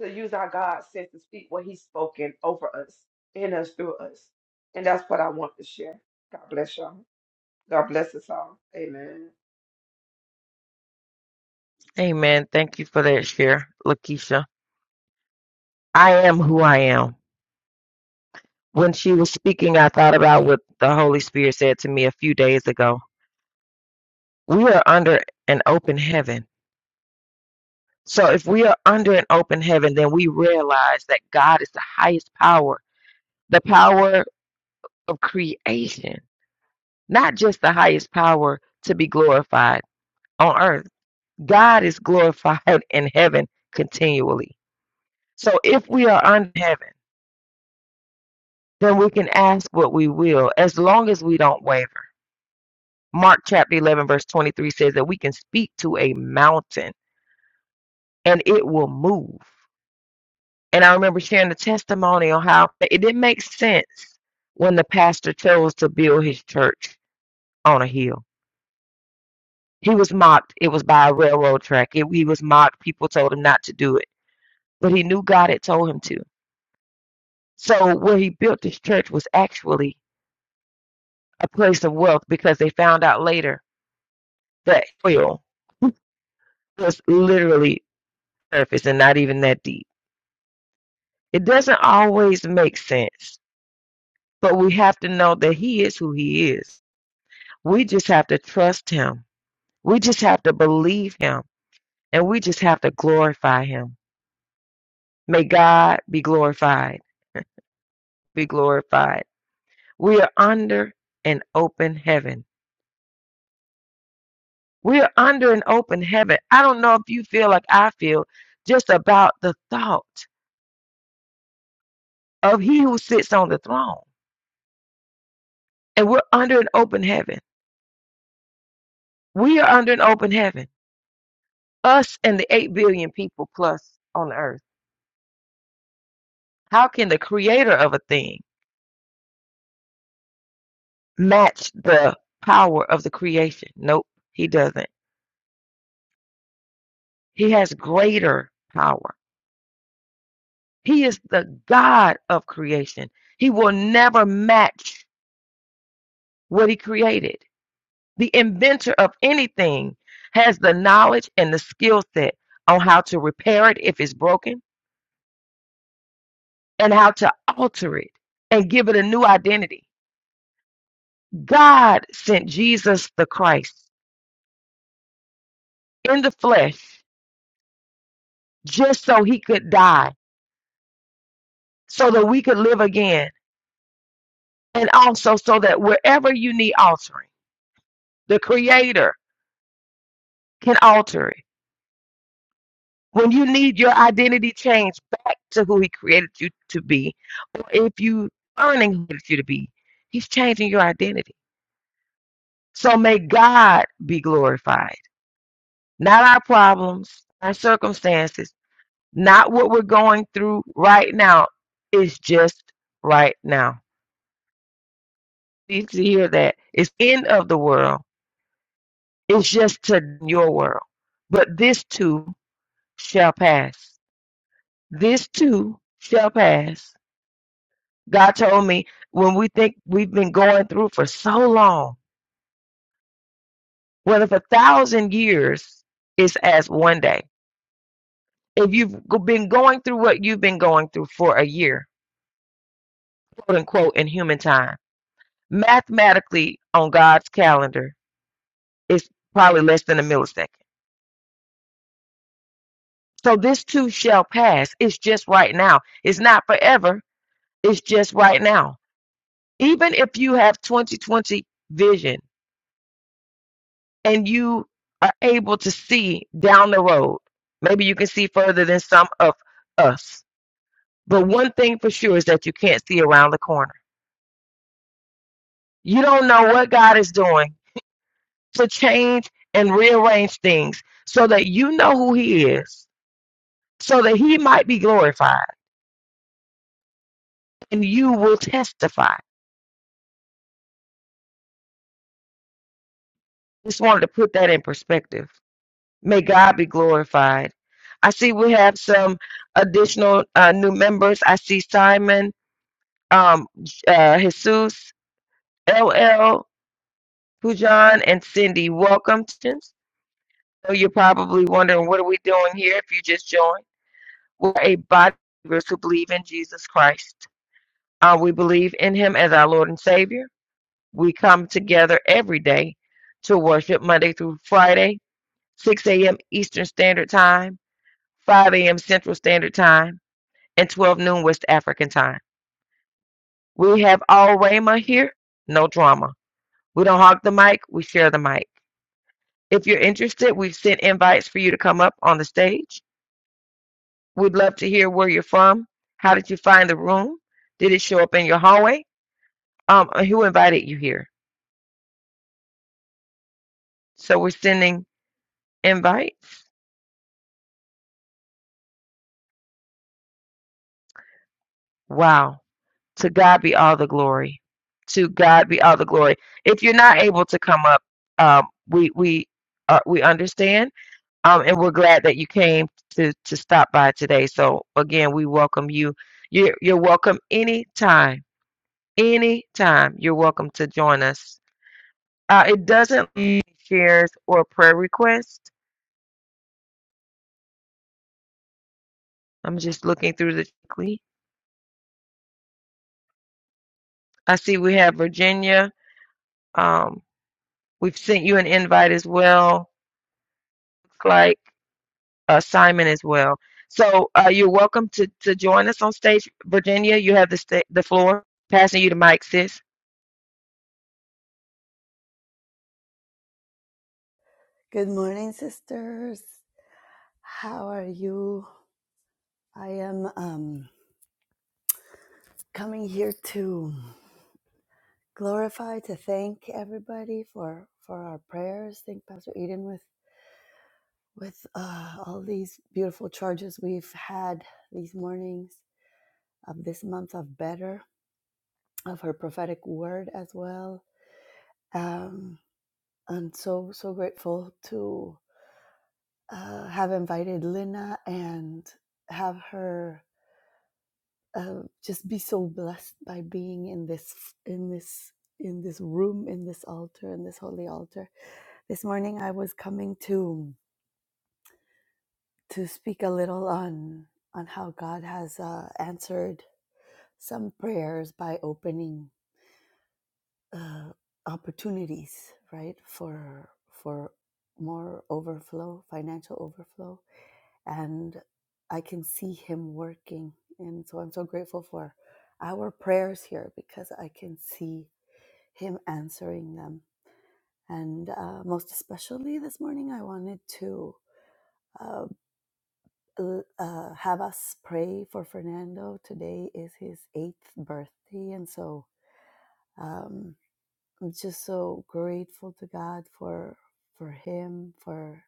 to use our God's sense to speak what He's spoken over us, in us, through us. And that's what I want to share. God bless y'all. God bless us all. Amen.
Amen. Thank you for that share, Lakeisha. I am who I am. When she was speaking, I thought about what the Holy Spirit said to me a few days ago. We are under an open heaven. So if we are under an open heaven, then we realize that God is the highest power, the power of creation, not just the highest power to be glorified on earth. God is glorified in heaven continually. So if we are under heaven, then we can ask what we will as long as we don't waver. Mark chapter 11, verse 23 says that we can speak to a mountain and it will move. And I remember sharing the testimony on how it didn't make sense when the pastor chose to build his church on a hill. He was mocked. It was by a railroad track. It, he was mocked. People told him not to do it, but he knew God had told him to. So where he built his church was actually a place of wealth because they found out later that oil was literally surface and not even that deep. It doesn't always make sense, but we have to know that He is who He is. We just have to trust Him. We just have to believe Him. And we just have to glorify Him. May God be glorified, be glorified. We are under an open heaven. We are under an open heaven. I don't know if you feel like I feel just about the thought of He who sits on the throne. And we're under an open heaven. We are under an open heaven. us and the 8 billion people plus on earth how can the creator of a thing match the power of the creation nope he doesn't he has greater power he is the god of creation he will never match what he created the inventor of anything has the knowledge and the skill set on how to repair it if it's broken and how to alter it and give it a new identity god sent jesus the christ in the flesh just so he could die, so that we could live again, and also so that wherever you need altering, the Creator can alter it. When you need your identity changed back to who he created you to be, or if you learning who he created you to be, he's changing your identity. So may God be glorified, not our problems, our circumstances, not what we're going through right now. It's just right now. need to hear that. It's end of the world. It's just to your world. But this too shall pass. This too shall pass. God told me when we think we've been going through for so long, whether for a thousand years is as one day. If you've been going through what you've been going through for a year, quote unquote, in human time, mathematically on God's calendar, it's probably less than a millisecond. So this too shall pass. It's just right now. It's not forever. It's just right now. Even if you have 2020 vision and you are able to see down the road, maybe you can see further than some of us. But one thing for sure is that you can't see around the corner. You don't know what God is doing to change and rearrange things so that you know who He is, so that He might be glorified and you will testify. Just wanted to put that in perspective. May God be glorified. I see we have some additional uh, new members. I see Simon, um, uh, Jesus, LL, Pujan, and Cindy. Welcome. So you're probably wondering, what are we doing here if you just joined? We're a body of believers who believe in Jesus Christ. Uh, we believe in him as our Lord and Savior. We come together every day to worship Monday through Friday, 6 a.m. Eastern Standard Time, 5 a.m. Central Standard Time. and 12 noon West African time. We have all Rama here, no drama. We don't hog the mic, we share the mic. If you're interested, we've sent invites for you to come up on the stage. We'd love to hear where you're from. How did you find the room? Did it show up in your hallway? Um, uh, who invited you here? So we're sending invites. Wow. To God be all the glory. To God be all the glory. If you're not able to come up, um, we we uh, we understand Um, and we're glad that you came to to stop by today. So again, we welcome you. You're you're welcome anytime. Anytime you're welcome to join us. Uh, it doesn't need shares or prayer requests. I'm just looking through the quickly. I see we have Virginia. Um, we've sent you an invite as well, like uh, Simon as well. So uh, you're welcome to to join us on stage, Virginia. You have the sta- the floor. Passing you the mic, sis.
Good morning, sisters. How are you? I am um, coming here to glorify, to thank everybody for for our prayers. Thank Pastor Eden with with uh, all these beautiful charges we've had these mornings of this month of better of her prophetic word as well. Um, I'm so so grateful to uh, have invited Lina and have her uh, just be so blessed by being in this in this in this room in this altar in this holy altar this morning i was coming to to speak a little on on how god has uh, answered some prayers by opening uh, opportunities right for for more overflow financial overflow and i can see him working and so i'm so grateful for our prayers here because i can see Him answering them. And uh, most especially this morning, I wanted to uh, uh, have us pray for Fernando. Today is his eighth birthday, and so um, I'm just so grateful to God for for him, for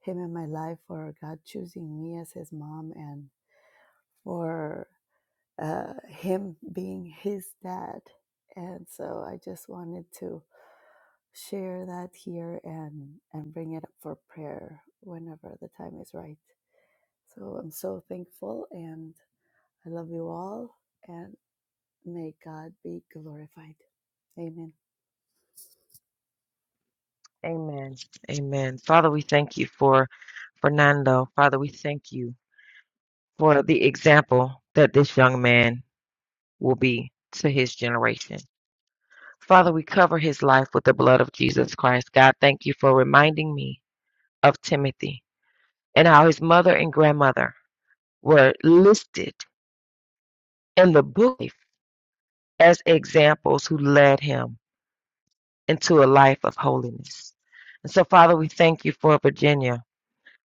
him in my life, for God choosing me as his mom, and for uh, him being his dad. And so I just wanted to share that here and and bring it up for prayer whenever the time is right so i'm so thankful and i love you all and may god be glorified amen
Amen. Amen. Father, we thank you for Fernando. Father, we thank you for the example that this young man will be to his generation. Father, we cover his life with the blood of Jesus Christ. God, thank you for reminding me of Timothy and how his mother and grandmother were listed in the book as examples who led him into a life of holiness. And so, Father, we thank you for Virginia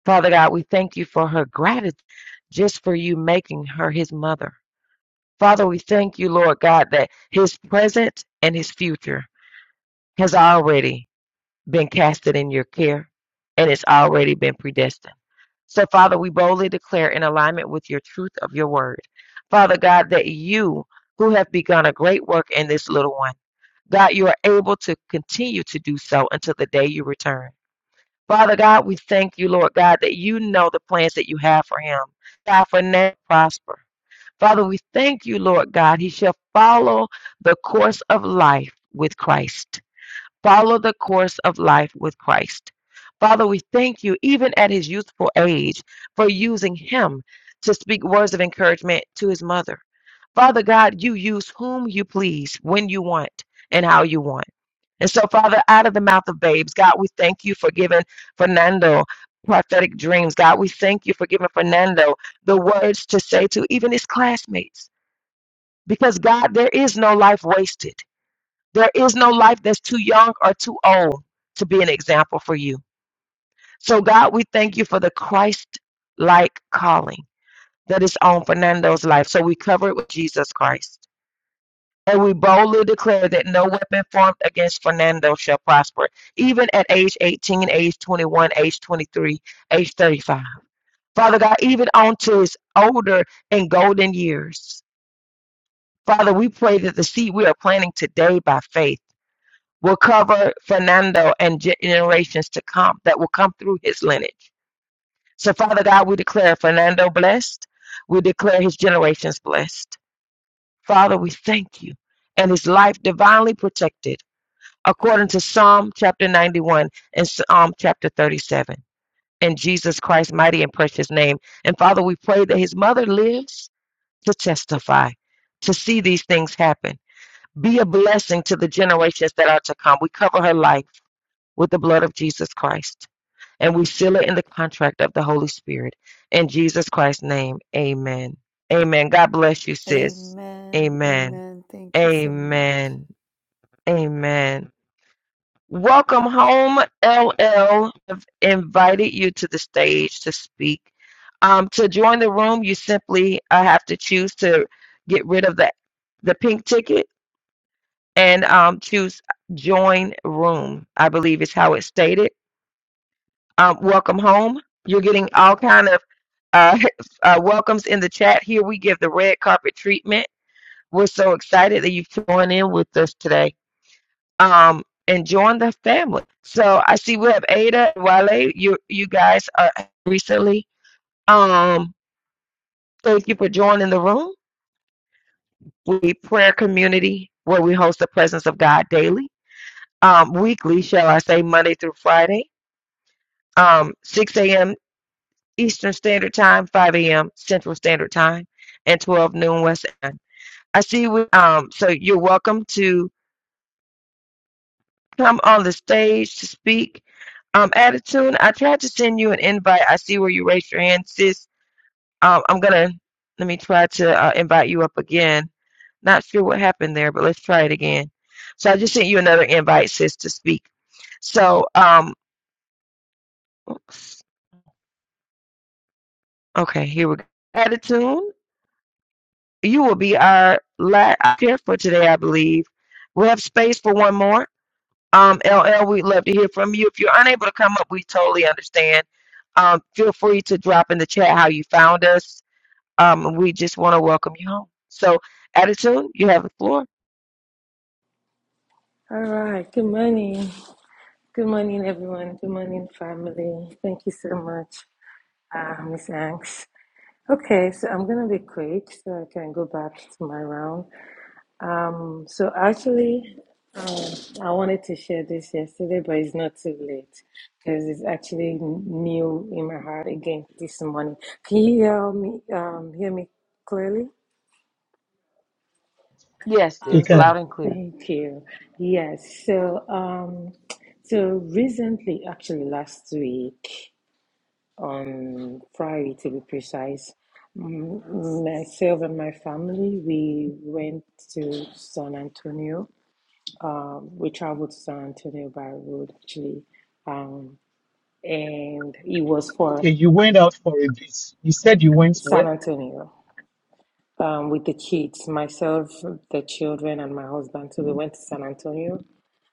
Father God, we thank you for her gratitude just for you making her his mother. Father, we thank you, Lord God, that his present and his future has already been casted in your care and it's already been predestined. So, Father, we boldly declare in alignment with your truth of your word, Father God, that you who have begun a great work in this little one, God, you are able to continue to do so until the day you return. Father God, we thank you, Lord God, that you know the plans that you have for him. God, for now, prosper. Father, we thank you, Lord God, he shall follow the course of life with Christ follow the course of life with Christ. Father, we thank you, even at his youthful age, for using him to speak words of encouragement to his mother. Father God, you use whom you please, when you want, and how you want. And so, Father, out of the mouth of babes, God, we thank you for giving Fernando prophetic dreams. God, we thank you for giving Fernando the words to say to even his classmates. Because, God, there is no life wasted. There is no life that's too young or too old to be an example for you. So, God, we thank you for the Christ like calling that is on Fernando's life. So, we cover it with Jesus Christ. And we boldly declare that no weapon formed against Fernando shall prosper, even at age 18, age 21, age 23, age 35. Father God, even onto his older and golden years. Father, we pray that the seed we are planting today by faith will cover Fernando and generations to come that will come through his lineage. So, Father God, we declare Fernando blessed. We declare his generations blessed. Father, we thank you and his life divinely protected according to Psalm chapter 91 and Psalm chapter 37. In Jesus Christ's mighty and precious name. And Father, we pray that his mother lives to testify, to see these things happen. Be a blessing to the generations that are to come. We cover her life. with the blood of Jesus Christ. And we seal it in the contract of the Holy Spirit. In Jesus Christ's name, amen. Amen. God bless you, sis.
amen
Amen.
amen thank you so much
Amen. Amen. Welcome home, LL. have invited you to the stage to speak. Um, to join the room, you simply uh, have to choose to get rid of the, the pink ticket and um, choose join room, I believe is how it's stated um, welcome home. You're getting all kind of uh, uh, welcomes in the chat. Here we give the red carpet treatment. We're so excited that you've joined in with us today um, and join the family. So I see we have Ada and Wale. You you guys are recently. Um, thank you for joining the room. We prayer community where we host the presence of God daily, um, weekly, shall I say, Monday through Friday, um, 6 a.m. Eastern Standard Time, 5 a.m. Central Standard Time, and 12 noon West End. I see. We, um, so you're welcome to come on the stage to speak. Um, Attitude, I tried to send you an invite. I see where you raised your hand, sis. Um, I'm gonna let me try to uh, invite you up again. Not sure what happened there, but let's try it again. So I just sent you another invite, sis, to speak. So, um, okay, here we go. Attitude. you will be our last here for today, I believe. We have space for one more. Um, LL, we'd love to hear from you. If you're unable to come up, we totally understand. Um, feel free to drop in the chat how you found us. Um, we just want to welcome you home. So, attitude, you have the floor.
All right. Good morning. Good morning, everyone. Good morning, family. Thank you so much, uh, Miss Anks. Okay, so I'm gonna be quick so I can go back to my round. Um, so actually, uh, I wanted to share this yesterday, but it's not too late because it's actually new in my heart again this morning. Can you hear me? Um, hear me clearly?
Yes,
You
it's
can.
Okay,
loud and clear.
thank you. Yes, so um, so recently, actually last week on Friday to be precise, m- myself and my family we went to San Antonio. Um, we traveled to San Antonio by road actually, um, and it was for
Okay, you went out for a bit. You said you went where?
San Antonio um, with the kids, myself, the children, and my husband. So we went to San Antonio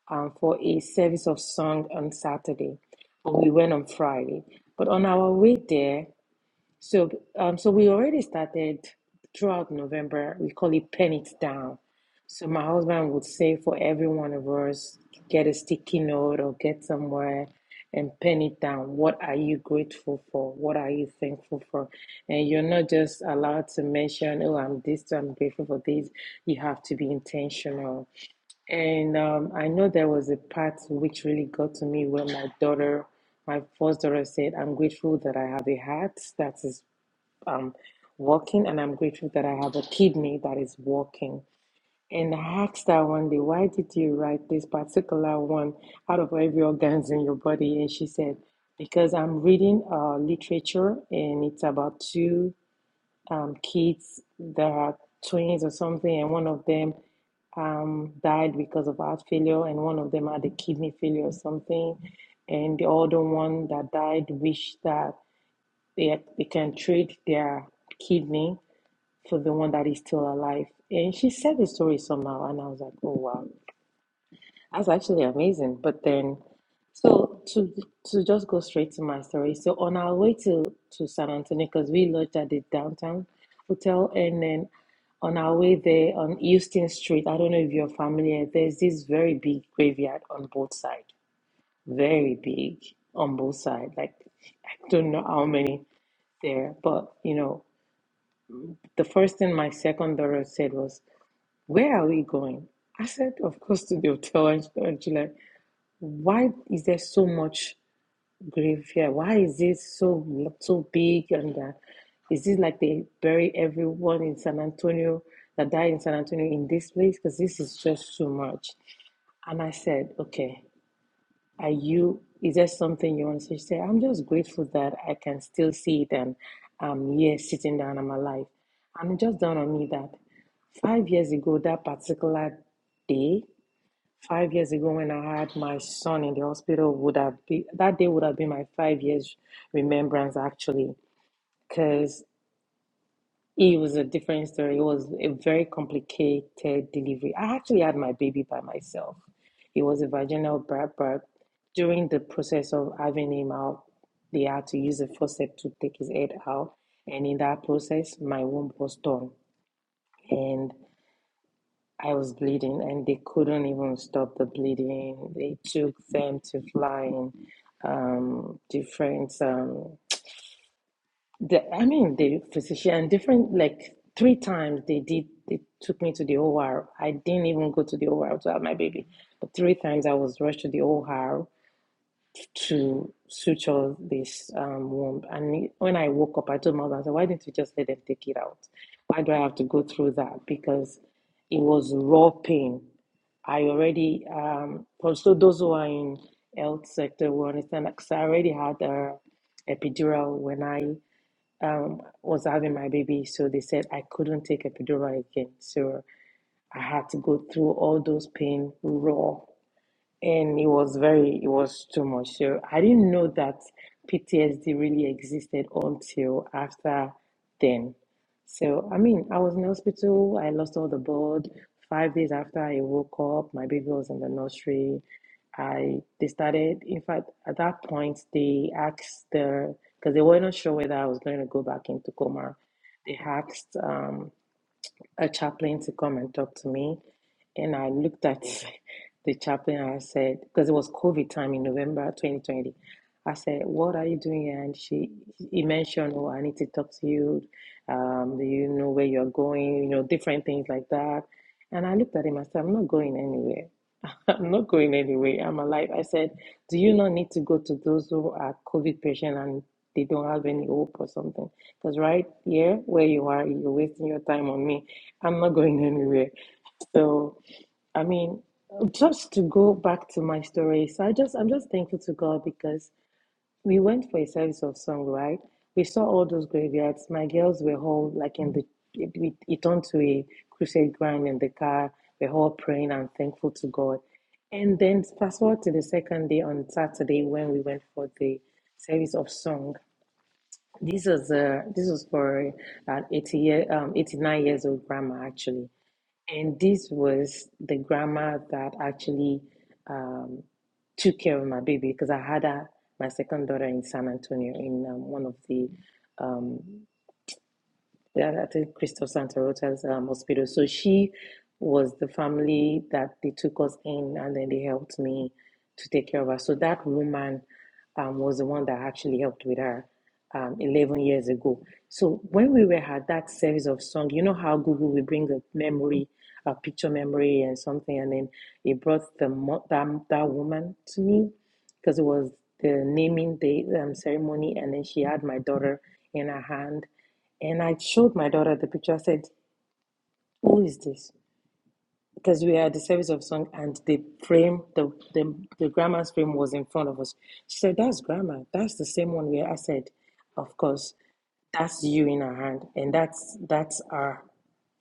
um, for a service of song on Saturday, but we went on Friday. But on our way there, so um, so we already started throughout November. We call it pen it down. So my husband would say for every one of us, get a sticky note or get somewhere and pen it down. What are you grateful for? What are you thankful for? And you're not just allowed to mention, oh, I'm this, I'm grateful for this. You have to be intentional and um, I know there was a part which really got to me where my daughter, my first daughter, said, I'm grateful that I have a heart that is um, working, and I'm grateful that I have a kidney that is working. And I asked her one day, Why did you write this particular one out of every organs in your body? And she said, Because I'm reading uh, literature and it's about two um, kids that are twins or something, and one of them um, died because of heart failure, and one of them had a kidney failure or something, and the other one that died wished that they had, they can trade their kidney for the one that is still alive. And she said the story somehow, and I was like, oh wow. That's actually amazing. But then, so to to just go straight to my story. So on our way to to San Antonio, because we lodged at the downtown hotel, and then on our way there on Houston Street, I don't know if you're familiar. There's this very big graveyard on both sides, very big on both sides. Like I don't know how many there, but you know, the first thing my second daughter said was, "Where are we going?" I said, "Of course to the hotel." And she- and she left. Why is there so much grief here? Why is it so so big? And uh, is it like they bury everyone in San Antonio that died in San Antonio in this place? Because this is just too much. And I said, okay, are you? Is there something you want to say? She said, I'm just grateful that I can still see it and I'm here sitting down. I'm alive. And it just dawned on me that five years ago, that particular day, Five years ago, when I had my son in the hospital, would have been that day would have been my five years remembrance actually, because it was a different story. It was a very complicated delivery. I actually had my baby by myself. It was a vaginal birth, but during the process of having him out, they had to use a forceps to take his head out, and in that process, my womb was torn. and. I was bleeding and they couldn't even stop the bleeding. They took them to flying um, different, um, the, I mean, the physician, different, like three times they did, they took me to the OR. I didn't even go to the OR to have my baby. But three times I was rushed to the OR to suture this um, womb. And when I woke up, I told my husband, I said, why didn't you just let them take it out? Why do I have to go through that? Because it was raw pain. I already, um, also those who are in health sector will understand that 'cause I already had a epidural when I um, was having my baby. So they said I couldn't take epidural again. So I had to go through all those pain raw and it was very it was too much so i didn't know that ptsd really existed until after then so i mean i was in hospital i lost all the blood five days after i woke up my baby was in the nursery i they started in fact at that point they asked the because they were not sure whether i was going to go back into coma they asked um a chaplain to come and talk to me. And I looked at the chaplain and I said, because it was COVID time in November 2020. I said, What are you doing? here?" And she he mentioned, Oh, I need to talk to you. Um, do you know where you're going? You know, different things like that. And I looked at him, I said, I'm not going anywhere. I'm not going anyway. I'm alive. I said, Do you not need to go to those who are COVID patient and they don't have any hope or something? Because right here where you are, you're wasting your time on me. I'm not going anywhere. So, I mean, just to go back to my story. So I just, I'm just thankful to God because we went for a service of song, right? We saw all those graveyards. My girls were all like in the it, we- it turned to a crusade ground in the car. We're all praying and thankful to God. And then fast forward to the second day on Saturday when we went for the service of song. This was uh, this was for an eighty year um eighty nine years old grandma actually and this was the grandma that actually um, took care of my baby because I had a, my second daughter in San Antonio in um, one of the um yeah, I think Christoph Santa Rota's um, hospital. So she was the family that they took us in, and then they helped me to take care of her. So that woman um, was the one that actually helped with her um, 11 years ago. So when we were at that service of song, you know how Google will bring a memory, a picture memory, and something, and then it brought the mo- that, that woman to me because it was the naming day um, ceremony, and then she had my daughter in her hand and I showed my daughter the picture. I said, Who is this? Because we are at the service of song and the frame, the, the, the grandma's frame was in front of us. She said, That's grandma. That's the same one where I said, Of course, that's you in her hand. And that's that's our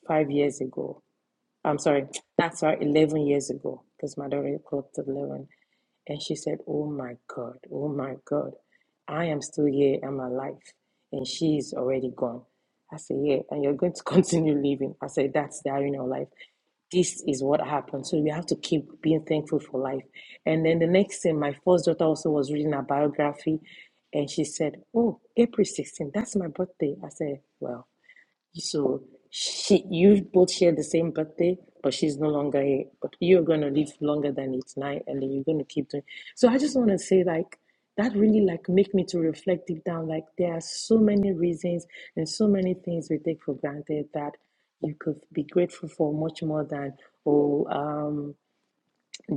five years ago. I'm sorry, that's our 11 years ago because my daughter clocked 11. And she said, Oh my God, oh my God, I am still here, I'm alive, and she's already gone. I said, Yeah, and you're going to continue living. I said, That's the irony of life. This is what happened. So we have to keep being thankful for life. And then the next thing, my first daughter also was reading a biography, and she said, Oh, April sixteenth. that's my birthday. I said, Well, so she, you both share the same birthday, but she's no longer here. But you're gonna live longer than it's nine, and then you're gonna keep doing. So I just want to say, like, that really like make me to reflect deep down. Like, there are so many reasons and so many things we take for granted that you could be grateful for much more than oh. Um,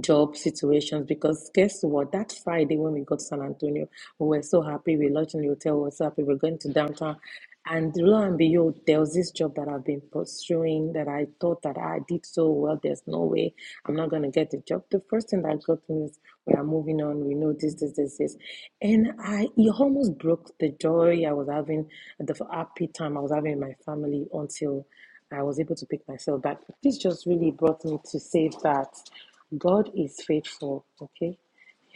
job situations because guess what? That Friday when we got to San Antonio, we were so happy. We lodged in the hotel, we were so happy. We were going to downtown. And lo and behold, there was this job that I've been pursuing that I thought that I did so well. There's no way I'm not going to get the job. The first thing that got me is we are moving on. We know this, this, this, this. And I, it almost broke the joy I was having, the happy time I was having in my family until I was able to pick myself back. This just really brought me to say that God is faithful. Okay.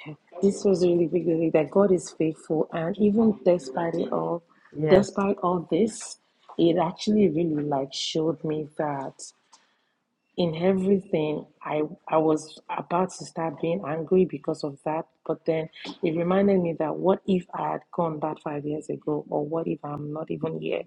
Yeah. This was really big really, that God is faithful and even despite it all
Yes.
despite all this, it actually really like showed me that in everything I I was about to start being angry because of that, but then it reminded me that what if I had gone back five years ago or what if I'm not even here?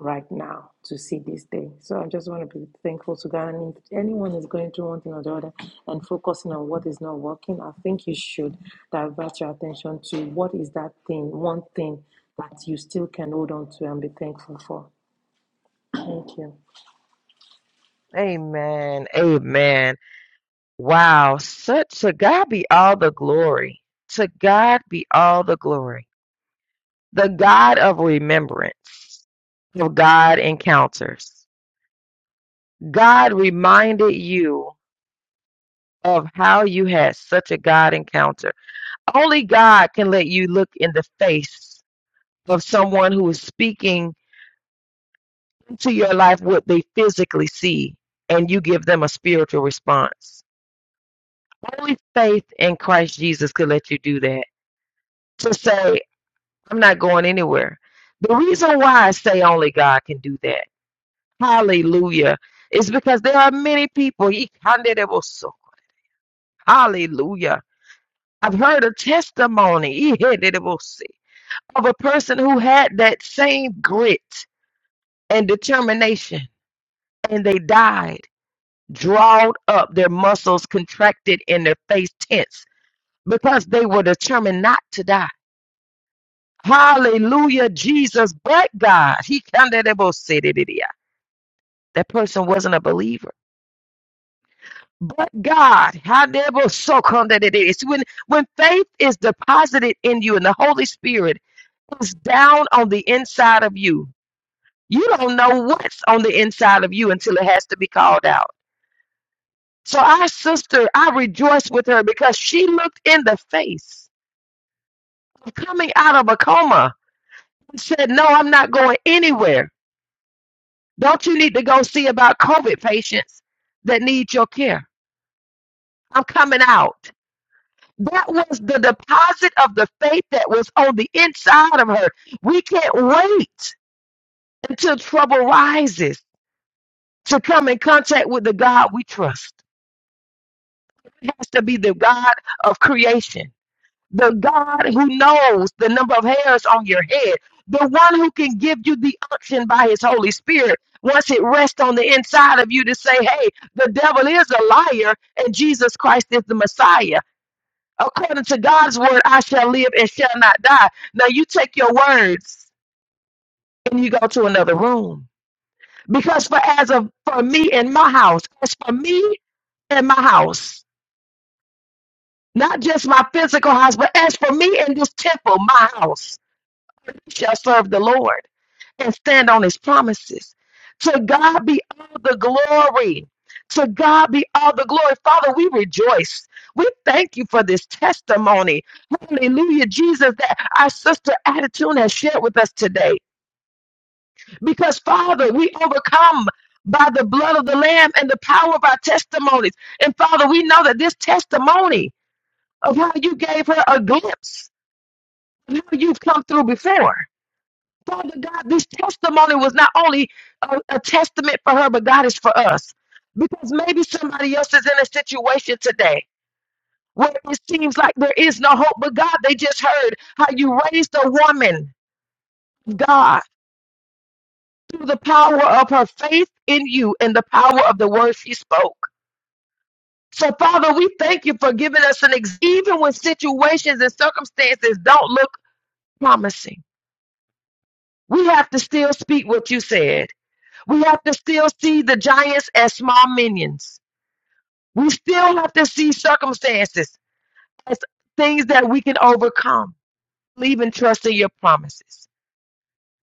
right now to see this day. So I just want to be thankful to God. And if anyone is going through one thing or the other and focusing on what is not working, I think you should divert your attention to what is that thing, one thing that you still can hold on to and be thankful for. Thank you.
Amen. Amen. Wow. Such to God be all the glory. To God be all the glory. The God of remembrance, of God encounters. God reminded you of how you had such a God encounter. Only God can let you look in the face of someone who is speaking to your life what they physically see, and you give them a spiritual response. Only faith in Christ Jesus could let you do that. To say, I'm not going anywhere. The reason why I say only God can do that Hallelujah. It's because there are many people. He counted it was so- Hallelujah. I've heard a testimony he had it was sick, of a person who had that same grit and determination, and they died, drawed up, their muscles contracted, and their face tense because they were determined not to die. Hallelujah, Jesus, but God. He counted it was sick. That person wasn't a believer But God, how so come that it is. When when faith is deposited in you and the Holy Spirit is down on the inside of you, you don't know what's on the inside of you until it has to be called out. So our sister, I rejoice with her because she looked in the face of coming out of a coma and said, No, I'm not going anywhere. Don't you need to go see about COVID patients that need your care? I'm coming out. That was the deposit of the faith that was on the inside of her. We can't wait until trouble rises to come in contact with the God we trust. It has to be the God of creation, the God who knows the number of hairs on your head, the one who can give you the unction by his Holy Spirit once it rests on the inside of you to say, hey, the devil is a liar and Jesus Christ is the Messiah. According to God's word, I shall live and shall not die. Now you take your words and you go to another room. Because for as of for me and my house, as for me and my house, not just my physical house, but as for me and this temple, my house we shall serve the Lord. and stand on his promises. To God be all the glory. To God be all the glory. Father, we rejoice. We thank you for this testimony. Hallelujah, Jesus, that our sister Attitude has shared with us today. Because, Father, we overcome by the blood of the Lamb and the power of our testimonies. And, Father, we know that this testimony of how you gave her a glimpse of how you've come through before. Father God, this testimony was not only a, a testament for her, but God is for us. Because maybe somebody else is in a situation today where it seems like there is no hope, but God, they just heard how you raised a woman, God, through the power of her faith in you and the power of the word she spoke. So, Father, we thank you for giving us an ex- even when situations and circumstances don't look promising. We have to still speak what you said. We have to still see the giants as small minions. We still have to see circumstances as things that we can overcome. Believe and trust in your promises.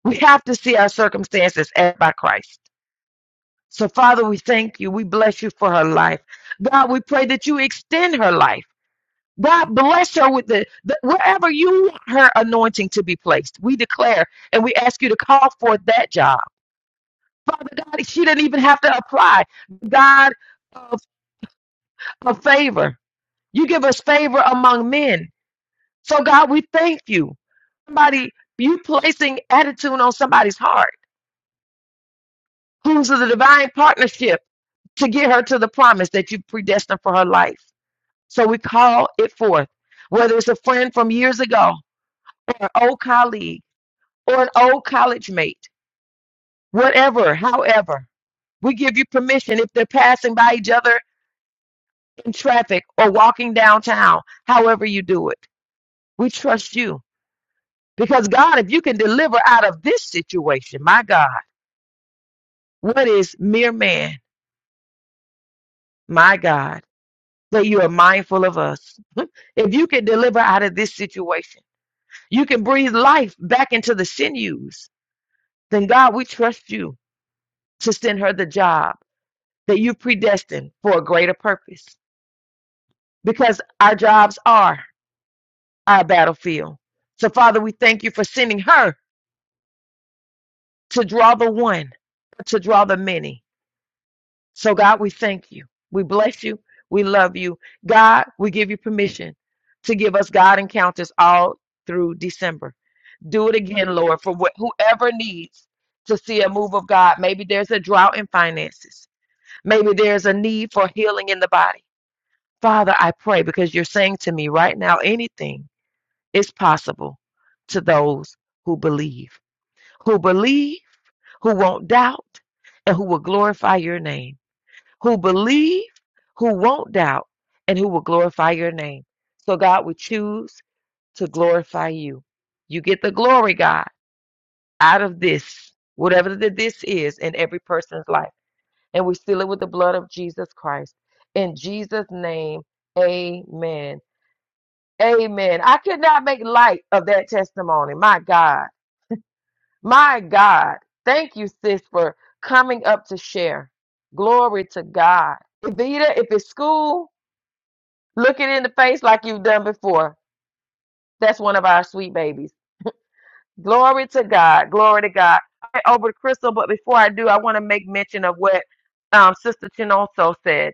We have to see our circumstances as by Christ. So, Father, we thank you. We bless you for her life. God, we pray that you extend her life. God, bless her with the, the wherever you want her anointing to be placed. We declare and we ask you to call forth that job. Father God, she didn't even have to apply. God, uh, for favor. You give us favor among men. So, God, we thank you. Somebody, you placing attitude on somebody's heart who's in the divine partnership to get her to the promise that you predestined for her life. So we call it forth, whether it's a friend from years ago or an old colleague or an old college mate, whatever, however. We give you permission if they're passing by each other in traffic or walking downtown, however you do it. We trust you. Because God, if you can deliver out of this situation, my God, what is mere man, my God, that you are mindful of us? if you can deliver out of this situation, you can breathe life back into the sinews, then God, we trust you to send her the job that you predestined for a greater purpose. Because our jobs are our battlefield. So, Father, we thank you for sending her to draw the one, to draw the many. So, God, we thank you. We bless you. We love you. God, we give you permission to give us God encounters all through December. Do it again, Lord, for wh- whoever needs to see a move of God. Maybe there's a drought in finances, maybe there's a need for healing in the body. Father, I pray because you're saying to me right now, anything is possible to those who believe, who believe, who won't doubt, and who will glorify your name who believe, who won't doubt, and who will glorify your name. So, God, we choose to glorify you. You get the glory, God, out of this, whatever the this is in every person's life. And we seal it with the blood of Jesus Christ. In Jesus' name, amen. Amen. I could not make light of that testimony. My God. My God. Thank you, sis, for coming up to share. Glory to God. Evita, if it's school, Look it in the face like you've done before. That's one of our sweet babies. Glory to God. Glory to God. All right, over to Crystal, but before I do, I want to make mention of what um, Sister Chinoso said.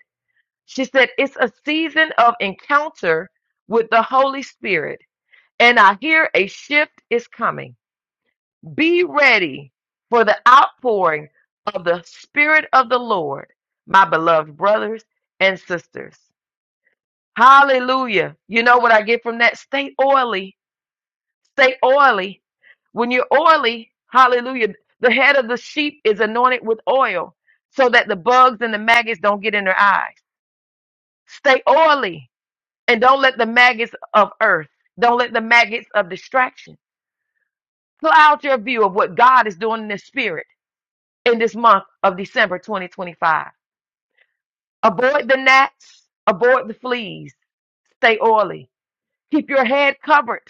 She said, It's a season of encounter with the Holy Spirit, and I hear a shift is coming. Be ready for the outpouring of the Spirit of the Lord, my beloved brothers and sisters. Hallelujah. You know what I get from that? Stay oily Stay oily. When you're oily, hallelujah, the head of the sheep is anointed with oil so that the bugs and the maggots don't get in their eyes. Stay oily and don't let the maggots of earth, don't let the maggots of distraction cloud your view of what God is doing in the spirit in this month of December 2025. Avoid the gnats, avoid the fleas. Stay oily. Keep your head covered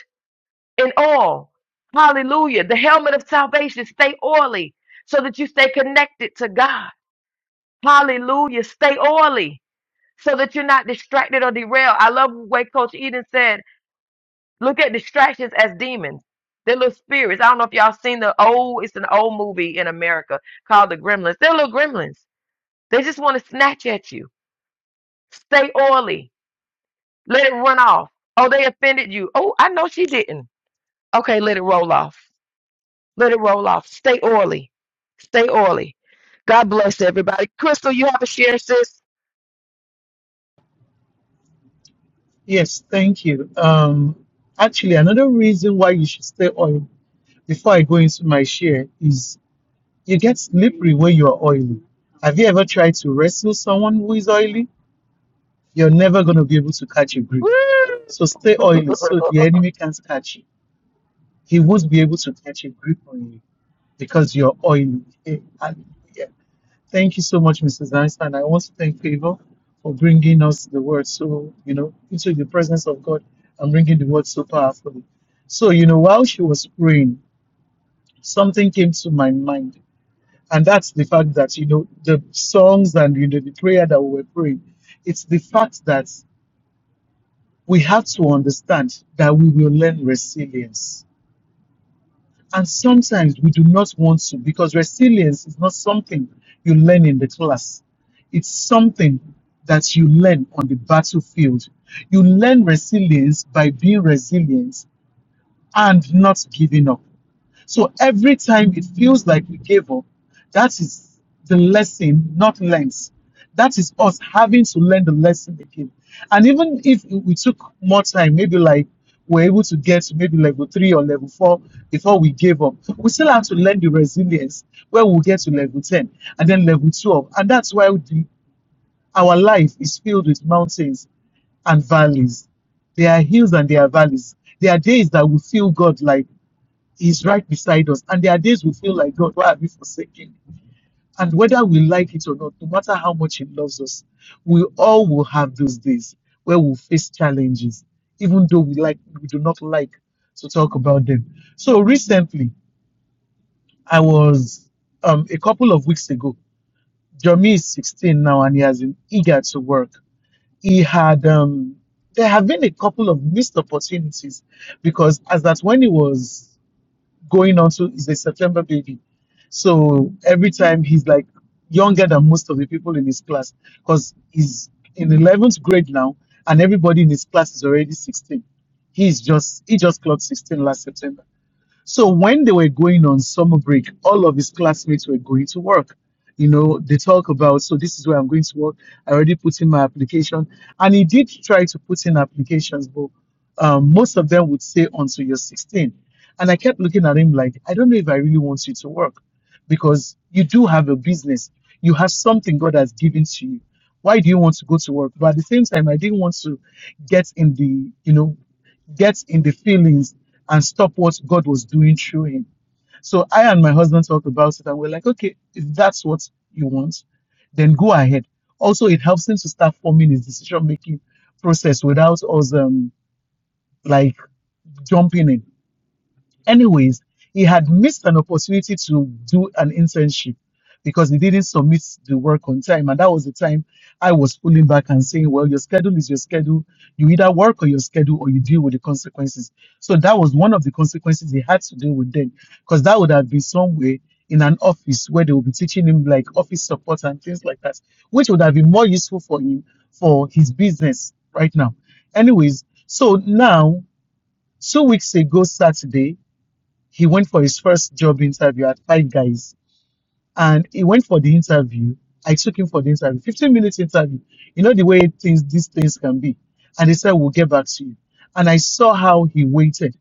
in all. Hallelujah. The helmet of salvation, stay oily so that you stay connected to God. Hallelujah. Stay oily so that you're not distracted or derailed. I love the way Coach Eden said. Look at distractions as demons. They're little spirits. I don't know if y'all seen the old, it's an old movie in America called The Gremlins. They're little gremlins. They just want to snatch at you. Stay oily. Let it run off. Oh, they offended you. Oh, I know she didn't. Okay, let it roll off. Let it roll off. Stay oily. Stay oily. God bless everybody. Crystal, you have a share, sis?
Yes, thank you. Um, actually, another reason why you should stay oil before I go into my share is you get slippery when you are oily. Have you ever tried to wrestle someone who is oily? You're never going to be able to catch a grip.
Woo!
So stay oily so the enemy can't catch you. He won't be able to catch a grip on you because you're oily. Eh, and Thank you so much, Mrs. Einstein. I want to thank Favor for bringing us the word so, you know, into the presence of God and bringing the word so powerfully. So, you know, while she was praying, something came to my mind. And that's the fact that, you know, the songs and, you know, the prayer that we were praying, it's the fact that we have to understand that we will learn resilience And sometimes we do not want to because resilience is not something you learn in the class. It's something that you learn on the battlefield. You learn resilience by being resilient and not giving up. So every time it feels like we gave up, that is the lesson not learned. That is us having to learn the lesson again. And even if we took more time, maybe like we're able to get to maybe level three or level four before we gave up, we still have to learn the resilience where we'll get to level 10 and then level 12. And that's why the, our life is filled with mountains and valleys. There are hills and there are valleys. There are days that we feel God like is right beside us. And there are days we feel like, God, why have you forsaken? And whether we like it or not, no matter how much He loves us, we all will have those days where we'll face challenges, even though we like we do not like to talk about them. So recently, I was um, a couple of weeks ago. Jeremy is 16 now, and he has been eager to work. He had um, there have been a couple of missed opportunities because as that when he was going on to is a September baby. So every time he's like younger than most of the people in his class because he's in 11th grade now and everybody in his class is already 16. He's just he just clocked 16 last September so when they were going on summer break, all of his classmates were going to work. You know, they talk about, so this is where I'm going to work. I already put in my application. And he did try to put in applications, but um, most of them would say until you're 16. And I kept looking at him like, I don't know if I really want you to work because you do have a business. You have something God has given to you. Why do you want to go to work? But at the same time, I didn't want to get in the, you know, get in the feelings and stop what God was doing through him. So I and my husband talked about it and we're like, okay, if that's what you want, then go ahead. Also, it helps him to start forming his decision making process without us um, like jumping in Anyways, he had missed an opportunity to do an internship because he didn't submit the work on time. And that was the time I was pulling back and saying, Well, your schedule is your schedule. You either work on your schedule or you deal with the consequences. So that was one of the consequences he had to deal with then, because that would have been somewhere in an office where they would be teaching him like office support and things like that, which would have been more useful for him for his business right now. Anyways, so now, two weeks ago, Saturday, he went for his first job interview at Five Guys and he went for the interview. I took him for the interview, 15 minutes interview. You know the way things these things can be. And they said, We'll get back to you. And I saw how he waited.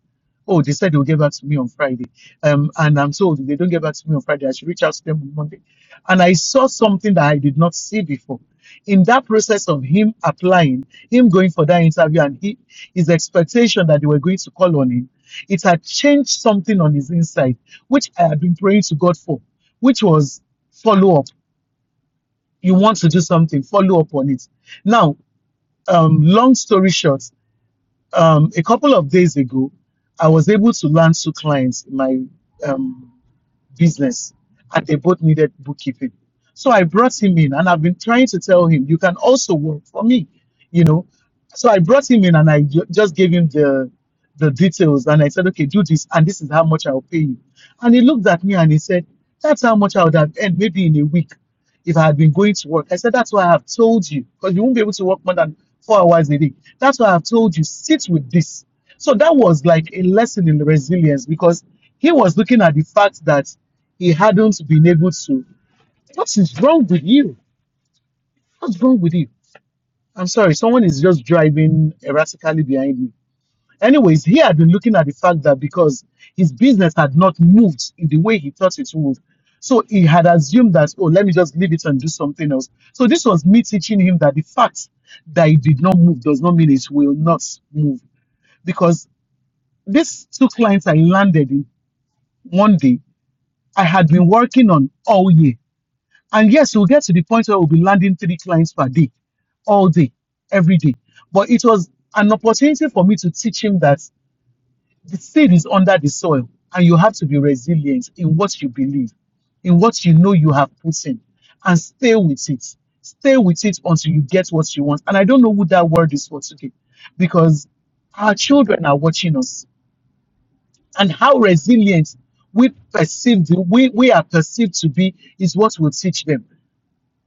Oh, they said they'll get back to me on Friday. Um, and I'm told if they don't get back to me on Friday, I should reach out to them on Monday. And I saw something that I did not see before. In that process of him applying, him going for that interview, and he, his expectation that they were going to call on him, it had changed something on his inside, which I had been praying to God for which was follow up. You want to do something, follow up on it. Now, um, long story short, um, a couple of days ago, I was able to land two clients in my um, business and they both needed bookkeeping. So I brought him in and I've been trying to tell him, you can also work for me, you know. So I brought him in and I ju- just gave him the the details and I said, okay, do this and this is how much I'll pay you. And he looked at me and he said, that's how much I would have earned maybe in a week if I had been going to work. I said, that's why I have told you because you won't be able to work more than four hours a day. That's why I have told you, sit with this. So that was like a lesson in resilience because he was looking at the fact that he hadn't been able to. What is wrong with you? What's wrong with you? I'm sorry, someone is just driving erratically behind me. Anyways, he had been looking at the fact that because his business had not moved in the way he thought it would. So he had assumed that, oh, let me just leave it and do something else. So this was me teaching him that the fact that it did not move does not mean it will not move. Because these two clients I landed in one day, I had been working on all year And yes, we'll get to the point where we'll be landing three clients per day, all day, every day. But it was an opportunity for me to teach him that the seed is under the soil and you have to be resilient in what you believe, in what you know you have put in, and stay with it. Stay with it until you get what you want. And I don't know who that word is for today because our children are watching us and how resilient we perceive we, we are perceived to be is what will teach them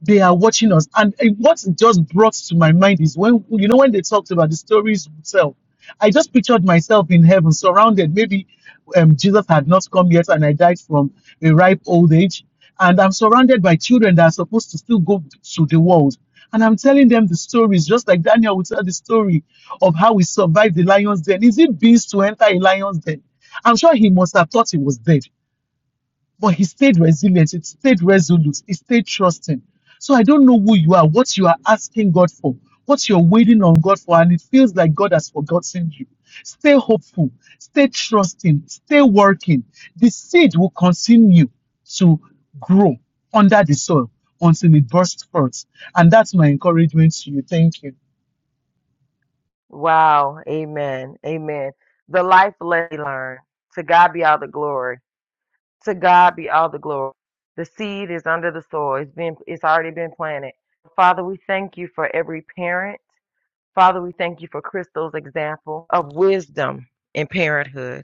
they are watching us. And eh, what just brought to my mind is when you know when they talked about the stories itself, I just pictured myself in heaven, surrounded. Maybe um, Jesus had not come yet, and I died from a ripe old age, and I'm surrounded by children that are supposed to still go to the world. And I'm telling them the stories, just like Daniel would tell the story of how he survived the lion's den. Is it beast to enter a lion's den? I'm sure he must have thought he was dead but he stayed resilient, he stayed resolute, he stayed trusting. So I don't know who you are, what you are asking God for, what you're waiting on God for, and it feels like God has forgotten you. Stay hopeful, stay trusting, stay working. The seed will continue to grow under the soil until it bursts forth. And that's my encouragement to you. Thank you.
Wow. Amen. Amen. The life lesson learned. To God be all the glory. To God be all the glory. The seed is under the soil. It's been it's already been planted. Father, we thank you for every parent. Father, we thank you for Crystal's example of wisdom in parenthood.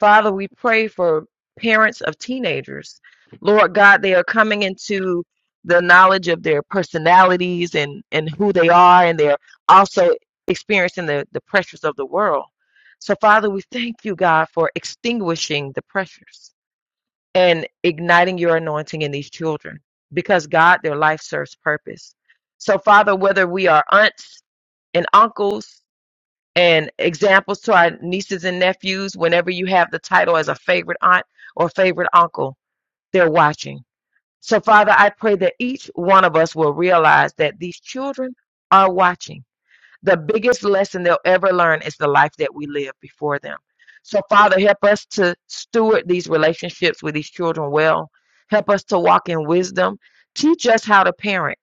Father, we pray for parents of teenagers. Lord God, they are coming into the knowledge of their personalities and, and who they are, and they're also experiencing the, the pressures of the world. So, Father, we thank you, God, for extinguishing the pressures and igniting your anointing in these children because, God, their life serves purpose. So, Father, whether we are aunts and uncles, and examples to our nieces and nephews whenever you have the title as a favorite aunt or favorite uncle they're watching so father i pray that each one of us will realize that these children are watching the biggest lesson they'll ever learn is the life that we live before them so father help us to steward these relationships with these children well help us to walk in wisdom teach us how to parent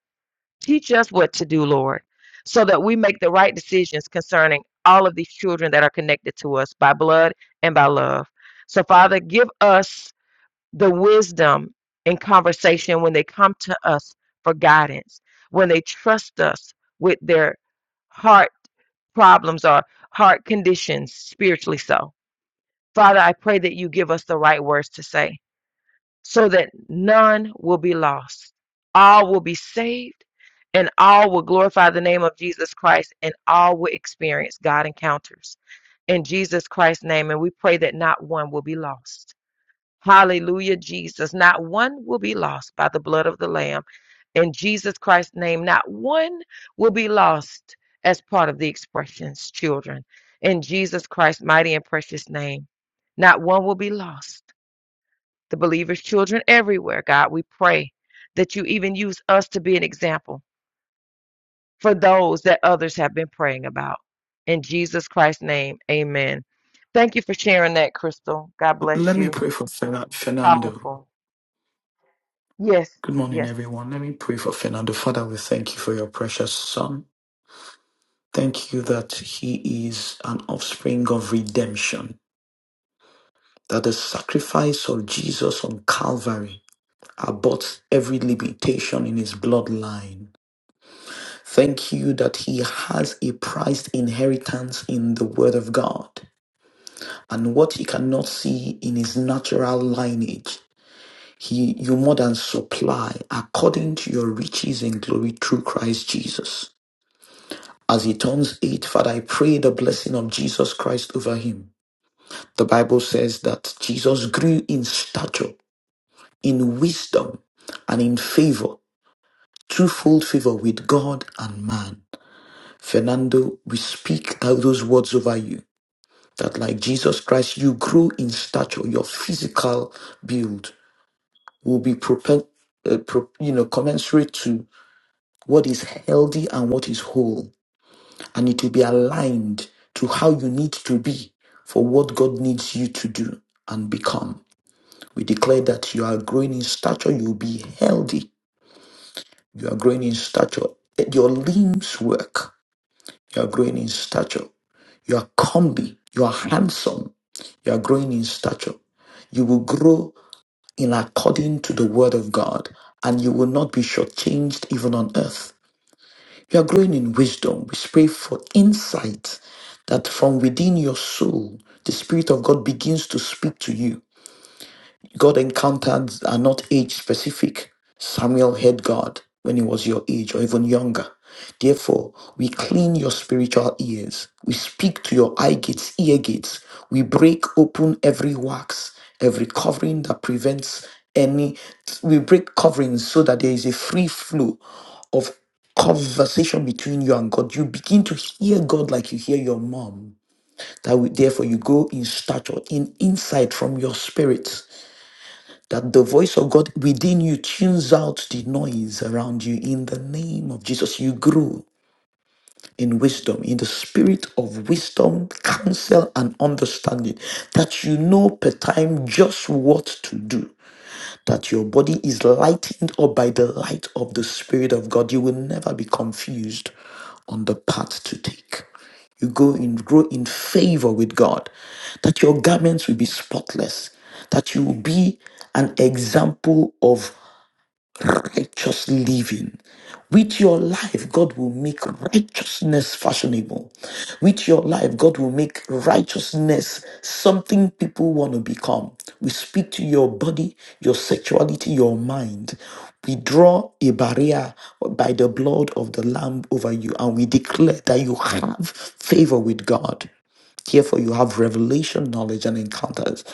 Teach us what to do, Lord, so that we make the right decisions concerning all of these children that are connected to us by blood and by love. So, Father, give us the wisdom in conversation when they come to us for guidance, when they trust us with their heart problems or heart conditions, spiritually so. Father, I pray that you give us the right words to say so that none will be lost. All will be saved, and all will glorify the name of Jesus Christ, and all will experience God encounters in Jesus Christ's name. And we pray that not one will be lost. Hallelujah, Jesus. Not one will be lost by the blood of the Lamb. In Jesus Christ's name, not one will be lost as part of the expressions, children. In Jesus Christ's mighty and precious name, not one will be lost the believers' children everywhere, God. We pray that you even use us to be an example for those that others have been praying about. In Jesus Christ's name, amen. Thank you for sharing that, Crystal. God bless
Let me
you.
pray for Fer- Fernando.
Powerful. Yes,
Good morning,
yes,
everyone. Let me pray for Fernando. Father, we thank you for your precious son. Thank you that he is an offspring of redemption, that the sacrifice of Jesus on Calvary aborts every limitation in his bloodline. Thank you that he has a prized inheritance in the Word of God and what he cannot see in his natural lineage. He, you more than supply according to your riches and glory through Christ Jesus. As he turns eight, Father, I pray the blessing of Jesus Christ over him. The Bible says that Jesus grew in stature, in wisdom, and in favor, twofold favor with God and man. Fernando, we speak out those words over you that like Jesus Christ, you grew in stature, your physical build will be propen- uh, pro- you know, commensurate to what is healthy and what is whole, and it will be aligned to how you need to be for what God needs you to do and become. We declare that you are growing in stature, you will be healthy, you are growing in stature, Let your limbs work, you are growing in stature, you are comely, you are handsome, you are growing in stature. You will grow in according to the word of God, and you will not be shortchanged even on earth. You are growing in wisdom. We pray for insight that from within your soul, the Spirit of God begins to speak to you God encounters are not age specific. Samuel heard God when he was your age or even younger. Therefore, we clean your spiritual ears. We speak to your eye gates, ear gates. We break open every wax, every covering that prevents any. We break coverings so that there is a free flow of conversation between you and God. You begin to hear God like you hear your mom. That we, therefore you go in stature, in insight from your spirit that the voice of God within you tunes out the noise around you in the name of Jesus. You grow in wisdom, in the spirit of wisdom, counsel, and understanding, that you know per time just what to do that your body is lightened up by the light of the Spirit of God. You will never be confused on the path to take. You go in, grow in favor with God, that your garments will be spotless, that you will be an example of righteous living. With your life, God will make righteousness fashionable. With your life, God will make righteousness something people want to become. We speak to your body, your sexuality, your mind. We draw a barrier by the blood of the Lamb over you, and we declare that you have favor with God. Therefore, you have revelation, knowledge, and encounters,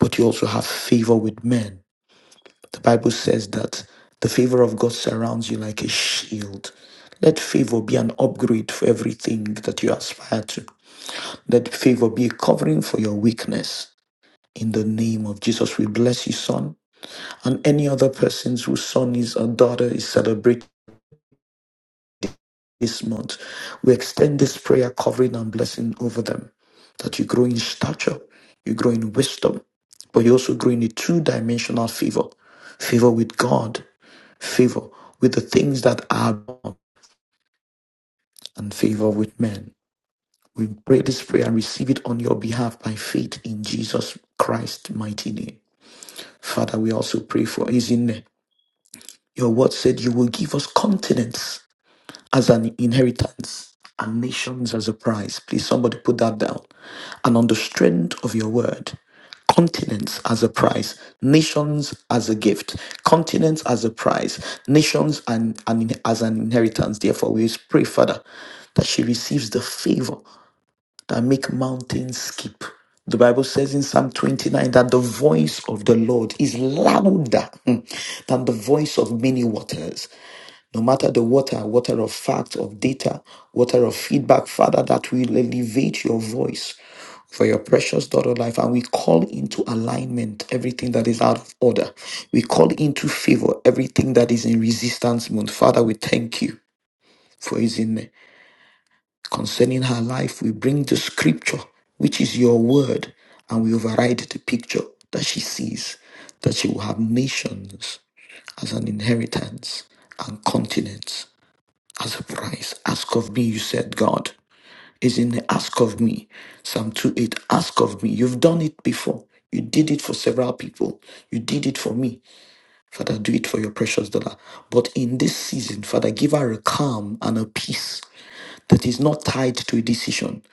but you also have favor with men. The Bible says that the favor of God surrounds you like a shield. Let favor be an upgrade for everything that you aspire to. Let favor be a covering for your weakness. In the name of Jesus, we bless you, son, and any other persons whose son is or daughter is celebrating. this month. We extend this prayer covering and blessing over them that you grow in stature, you grow in wisdom, but you also grow in a two dimensional favor favor with God, favor with the things that are, above, and favor with men. We pray this prayer and receive it on your behalf by faith in Jesus Christ's mighty name. Father, we also pray for Izine. Your word said you will give us continence as an inheritance and nations as a prize. Please, somebody put that down. And on the strength of your word, continents as a prize, nations as a gift, continents as a prize, nations and, and in- as an inheritance. Therefore, we pray, Father, that she receives the favor that make mountains skip. The Bible says in Psalm 29 that the voice of the Lord is louder mm, than the voice of many waters. No matter the water, water of fact, of data, water of feedback, Father, that will elevate your voice for your precious daughter life and we call into alignment everything that is out of order we call into favor everything that is in resistance mode father we thank you for his name concerning her life, we bring the scripture, which is your word, and we override the picture that she sees, that she will have nations as an inheritance and continents as a price. Ask of me, you said, God, is in the ask of me. Psalm 2 8, ask of me. You've done it before. You did it for several people. You did it for me. Father, do it for your precious daughter. But in this season, Father, give her a calm and a peace that is not tied to a decision.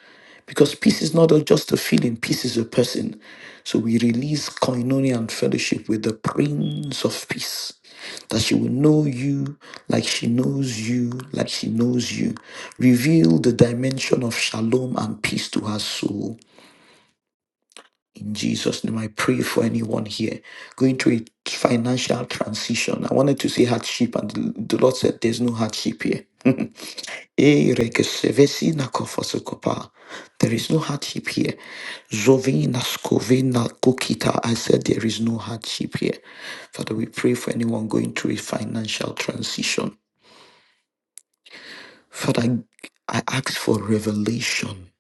Because peace is not just a feeling, peace is a person. So we release koinonia and fellowship with the Prince of Peace. That she will know you like she knows you, like she knows you. Reveal the dimension of shalom and peace to her soul. In Jesus' name, I pray for anyone here going through a financial transition. I wanted to say hardship, and the the Lord said there's no hardship here. Eh, rekesevesi na kofasokopa. There is no hardship here. Zovina skovina kokita. I said there is no hardship here. Father, we pray for anyone going through a financial transition. Father, I ask for revelation,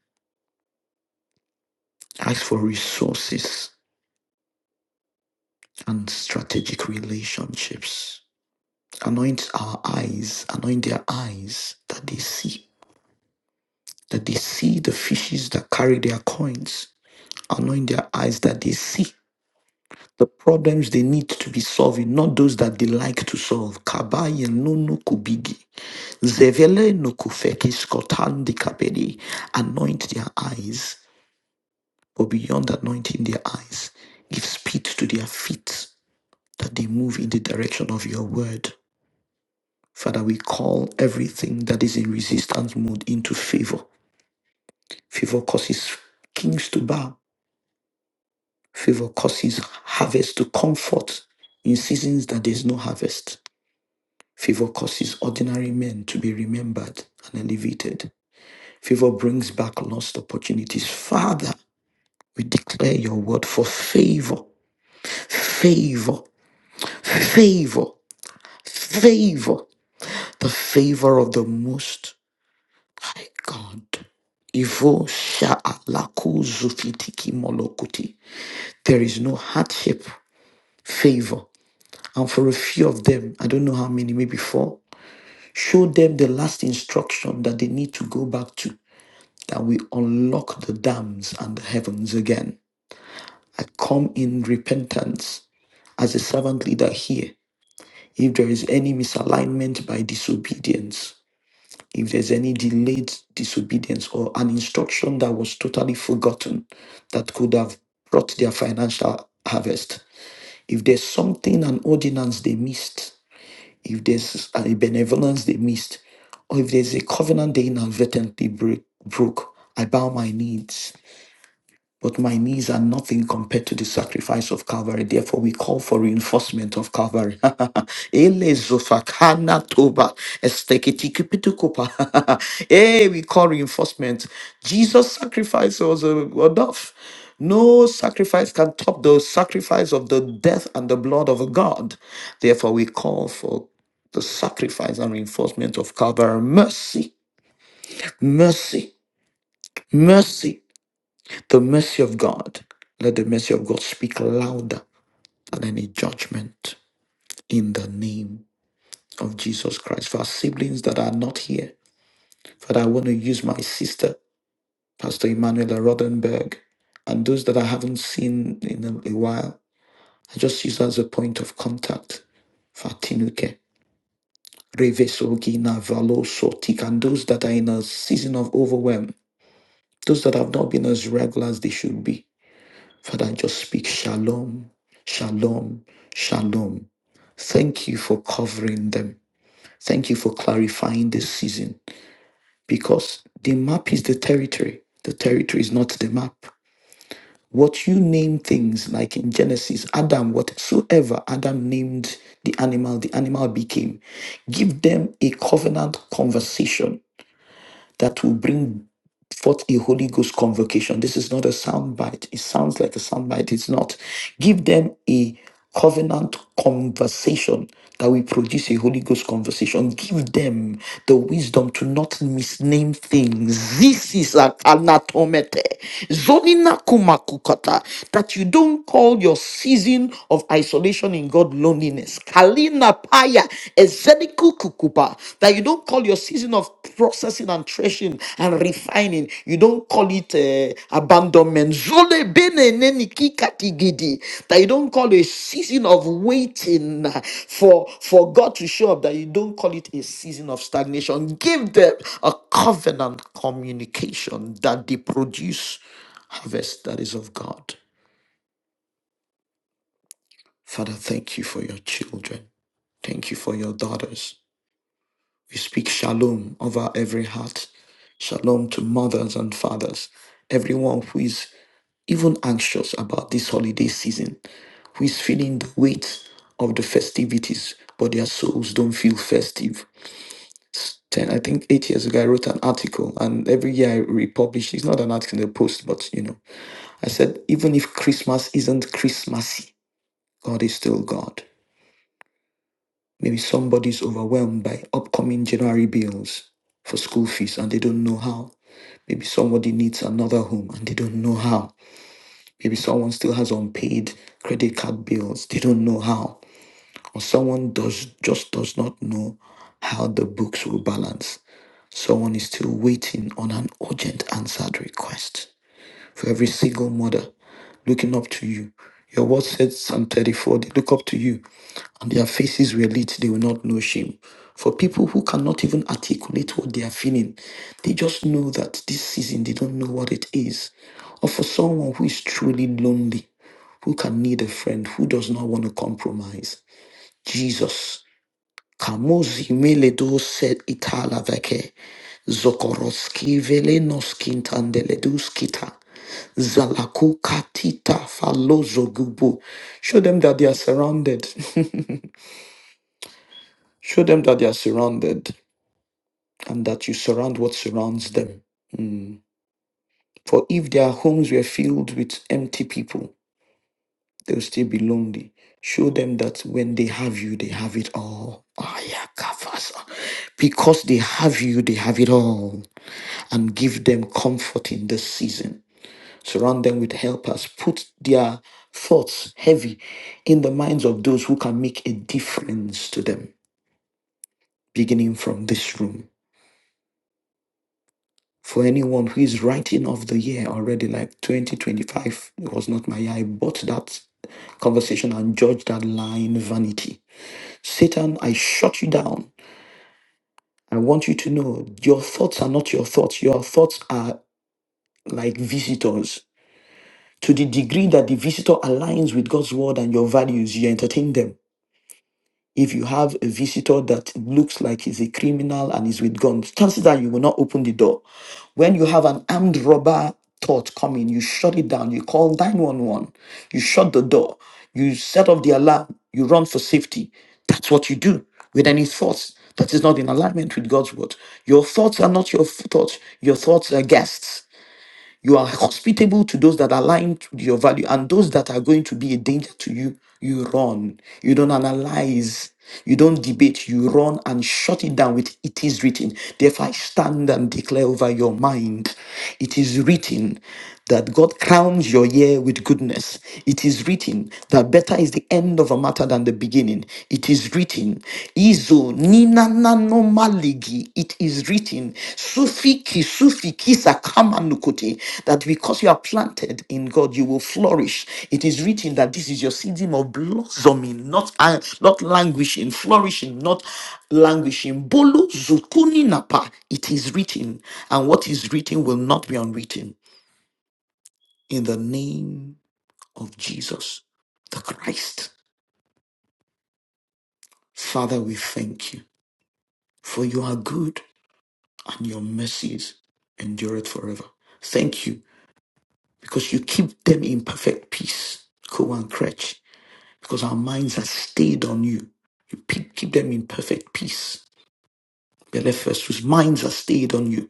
I ask for resources and strategic relationships. Anoint our eyes, anoint their eyes that they see, that they see the fishes that carry their coins. Anoint their eyes that they see the problems they need to be solving, not those that they like to solve. Kabaye no no kubigi. Zevele no kufekis kotandi kabedi. Anoint their eyes, but beyond anointing their eyes, give speed to their feet that they move in the direction of your word. Father, we call everything that is in resistance mode into favor. Favor causes kings to bow. Favor causes harvest to come forth in seasons that there's no harvest. Favor causes ordinary men to be remembered and elevated. Favor brings back lost opportunities. Father, we declare your word for favor, favor, favor, favor, the favor of the most. My God. Ivo sha laku zufitiki molokuti. There is no hardship, favor. And for a few of them, I don't know how many, maybe four, show them the last instruction that they need to go back to, that we unlock the dams and the heavens again. I come in repentance as a servant leader here. If there is any misalignment by disobedience, if there's any delayed disobedience or an instruction that was totally forgotten that could have brought their financial harvest, if there's something, an ordinance they missed, if there's a benevolence they missed, or if there's a covenant they inadvertently break, broke, I bow my knees but my knees are nothing compared to the sacrifice of Calvary. Therefore, we call for reinforcement of Calvary. Ele zofakana toba estekiti kupitukupa. Hey, we call reinforcement. Jesus' sacrifice was uh, enough. No sacrifice can top the sacrifice of the death and the blood of God. Therefore, we call for the sacrifice and reinforcement of Calvary. Mercy, mercy, mercy. The mercy of God. Let the mercy of God speak louder than any judgment in the name of Jesus Christ. For our siblings that are not here, Father, I want to use my sister, Pastor Emanuela Rodenberg, and those that I haven't seen in a, a while. I just use her as a point of contact. Fatinuke, Revesogina, Valoso, Tik, and those that are in a season of overwhelm, those that have not been as regular as they should be. Father, I just speak shalom, shalom, shalom. Thank you for covering them. Thank you for clarifying this season because the map is the territory. The territory is not the map. What you name things like in Genesis, Adam, whatsoever Adam named the animal, the animal became. Give them a covenant conversation that will bring forth a Holy Ghost convocation. This is not a soundbite. It sounds like a soundbite. It's not. Give them a covenant conversation that will produce a Holy Ghost conversation. Give them the wisdom to not misname things. This is an anatomete. Zonina kumakukata. That you don't call your season of isolation in God loneliness. Kalina paya. Ezeniku kukupa. That you don't call your season of processing and threshing and refining, you don't call it uh, abandonment. Zole bene neni kikatigidi. That you don't call a season of waiting uh, for, for God to show up, that you don't call it a season of stagnation. Give them a covenant communication that they produce harvest that is of God. Father, thank you for your children. Thank you for your daughters. We speak shalom over every heart. Shalom to mothers and fathers, everyone who is even anxious about this holiday season, who is feeling the weight of the festivities, but their souls don't feel festive. S- Ten, I think eight years ago, I wrote an article, and every year I republish. It's not an article in the post, but you know, I said even if Christmas isn't Christmassy, God is still God. Maybe somebody's overwhelmed by upcoming January bills for school fees and they don't know how. Maybe somebody needs another home and they don't know how. Maybe someone still has unpaid credit card bills, they don't know how. Or someone does just does not know how the books will balance. Someone is still waiting on an urgent answered request for every single mother looking up to you. Your word said, Psalm 34, they look up to you and their faces were lit, they will not know shame. For people who cannot even articulate what they are feeling, they just know that this season they don't know what it is. Or for someone who is truly lonely, who can need a friend, who does not want to compromise, Jesus. Kamozi meledu set itala veke. Zokoroski velenos kintandeledus kita. Zalaku katita falozo gubu. Show them that they are surrounded. Show them that they are surrounded and that you surround what surrounds them. Mm. For if their homes were filled with empty people, they'll still be lonely. Show them that when they have you, they have it all. Ayakafasa. Because they have you, they have it all. and give them comfort in this season. Surround them with helpers. Put their thoughts heavy in the minds of those who can make a difference to them, beginning from this room. For anyone who is writing off the year already, like 2025 was not my year, I bought that conversation and judge that line vanity. Satan, I shut you down. I want you to know your thoughts are not your thoughts. Your thoughts are like visitors To the degree that the visitor aligns with God's word and your values, you entertain them. If you have a visitor that looks like he's a criminal and is with guns, chances are you will not open the door. When you have an armed robber thought coming, you shut it down. You call 911. You shut the door. You set off the alarm. You run for safety. That's what you do with any thoughts that is not in alignment with God's word. Your thoughts are not your f- thoughts. Your thoughts are guests. You are hospitable to those that align to your value, and those that are going to be a danger to you, you run. You don't analyze. You don't debate. You run and shut it down with it is written. Therefore, I stand and declare over your mind. It is written that God crowns your year with goodness. It is written that better is the end of a matter than the beginning. It is written, Izo nina nano maligi. It is written, Sufiki sufiki sakama nukote, that because you are planted in God, you will flourish. It is written that this is your season of blossoming, not uh, not languishing, flourishing, not languishing. Bolo zukuni napa. It is written, and what is written will not be unwritten in the name of Jesus the Christ. Father, we thank you for you are good and your mercies endure it forever. Thank you because you keep them in perfect peace. Ko and crutch because our minds are stayed on you. You pe- keep them in perfect peace. Belephus, whose minds are stayed on you.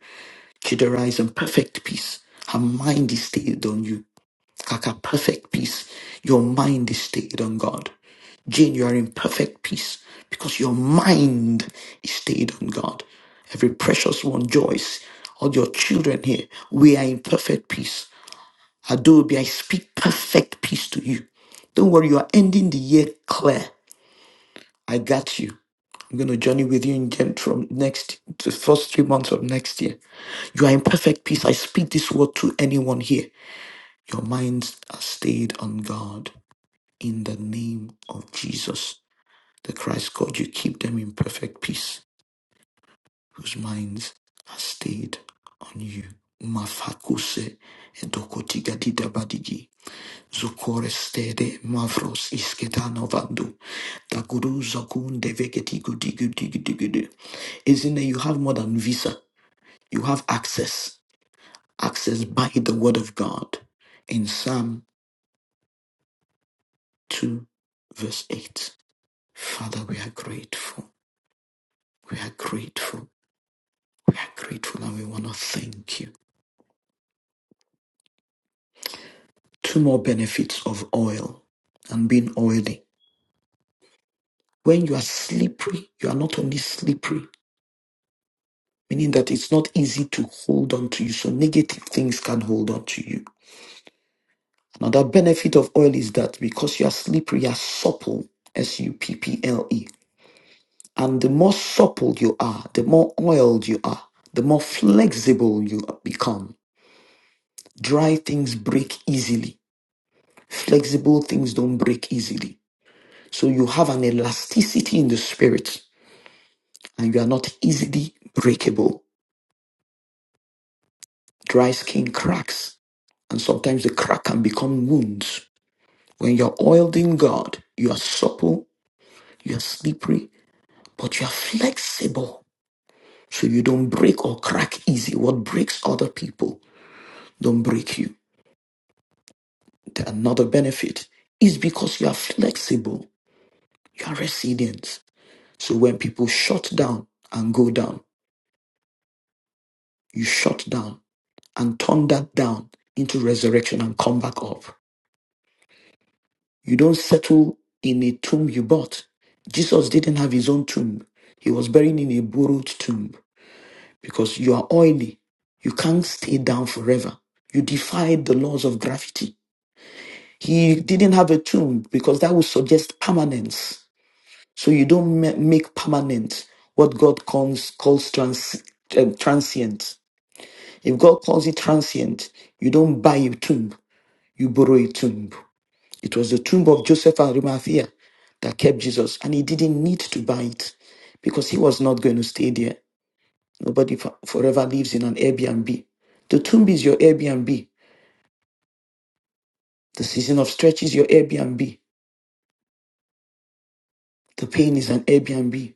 Chidera is in perfect peace. Her mind is stayed on you. Kaka, perfect peace. Your mind is stayed on God. Jane, you are in perfect peace because your mind is stayed on God. Every precious one, Joyce, all your children here, we are in perfect peace. Adobe, I speak perfect peace to you. Don't worry, you are ending the year clear. I got you. I'm going to journey with you in Gem from next, the first three months of next year. You are in perfect peace. I speak this word to anyone here. Your minds are stayed on God in the name of Jesus. The Christ God, you keep them in perfect peace, whose minds are stayed on you. Mafakuse edokotiga didabadigi. Zokore stede mavros isketano vandu. Daguru zakun devegetigu digu digu digu du. Isn't that you have more than visa? You have access. Access by the word of God. In Psalm 2 verse 8. Father, we are grateful. We are grateful. We are grateful and we want to thank you. Two more benefits of oil and being oily. When you are slippery, you are not only slippery, meaning that it's not easy to hold on to you, so negative things can hold on to you. Another benefit of oil is that because you are slippery, you are supple, S U P P L E. And the more supple you are, the more oiled you are, the more flexible you become. Dry things break easily, flexible things don't break easily. So you have an elasticity in the spirit and you are not easily breakable. Dry skin cracks, and sometimes the crack can become wounds. When you're oiled in God, you are supple, you are slippery, but you are flexible. So you don't break or crack easy. What breaks other people don't break you. The- Another benefit is because you are flexible, you are resilient. So when people shut down and go down, you shut down and turn that down into resurrection and come back up. You don't settle in a tomb you bought. Jesus didn't have his own tomb. He was buried in a borrowed tomb because you are oily. You can't stay down forever. You defied the laws of gravity. He didn't have a tomb because that would suggest permanence. So you don't ma- make permanent what God calls, calls trans, um, transient. If God calls it transient, you don't buy a tomb, you borrow a tomb. It was the tomb of Joseph and Arimathea that kept Jesus, and he didn't need to buy it because he was not going to stay there. Nobody fo- forever lives in an Airbnb. The tomb is your Airbnb. The season of stretch is your Airbnb. The pain is an Airbnb.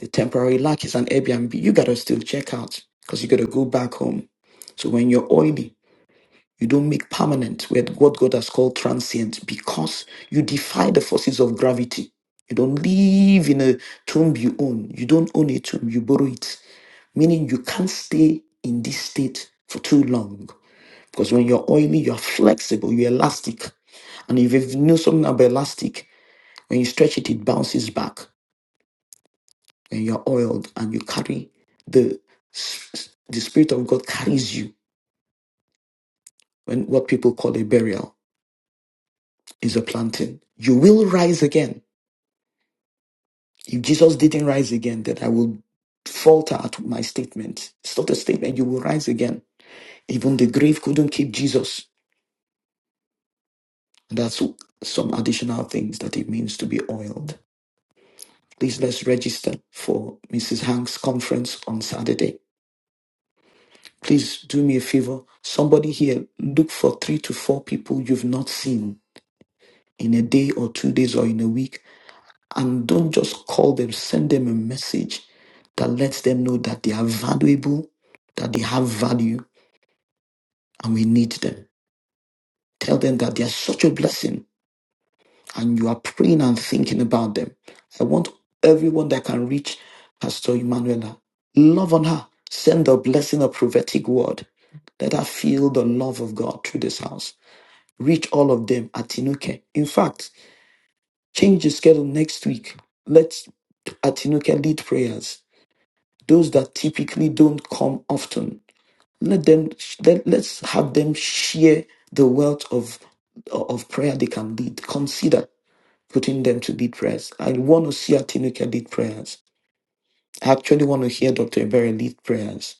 The temporary lack is an Airbnb. You gotta still check out because you gotta go back home. So when you're oily, You don't make permanent with what God has called transient because you defy the forces of gravity. You don't live in a tomb you own. You don't own a tomb, you borrow it. Meaning you can't stay in this state for too long. Because when you're oily, you're flexible, you're elastic. And if you know something about elastic, when you stretch it, it bounces back. When you're oiled and you carry the, the Spirit of God carries you when what people call a burial. is a planting. You will rise again. If Jesus didn't rise again, then I will falter at my statement. It's not a statement. You will rise again. Even the grave couldn't keep Jesus. That's some additional things that it means to be oiled. Please let's register for Mrs. Hank's conference on Saturday. Please do me a favor. Somebody here, look for three to four people you've not seen in a day or two days or in a week and don't just call them, send them a message that lets them know that they are valuable, that they have value, and we need them. Tell them that they are such a blessing and you are praying and thinking about them. I want everyone that can reach Pastor Emanuela. Love on her. Send a blessing, a prophetic word. Let her feel the love of God through this house. Reach all of them at Tinuke. In fact, change the schedule next week. let Atinuke lead prayers those that typically don't come often let them let, let's have them share the wealth of of prayer they can lead consider putting them to lead prayers i want to see Atinuke lead prayers i actually want to hear dr Ebere lead prayers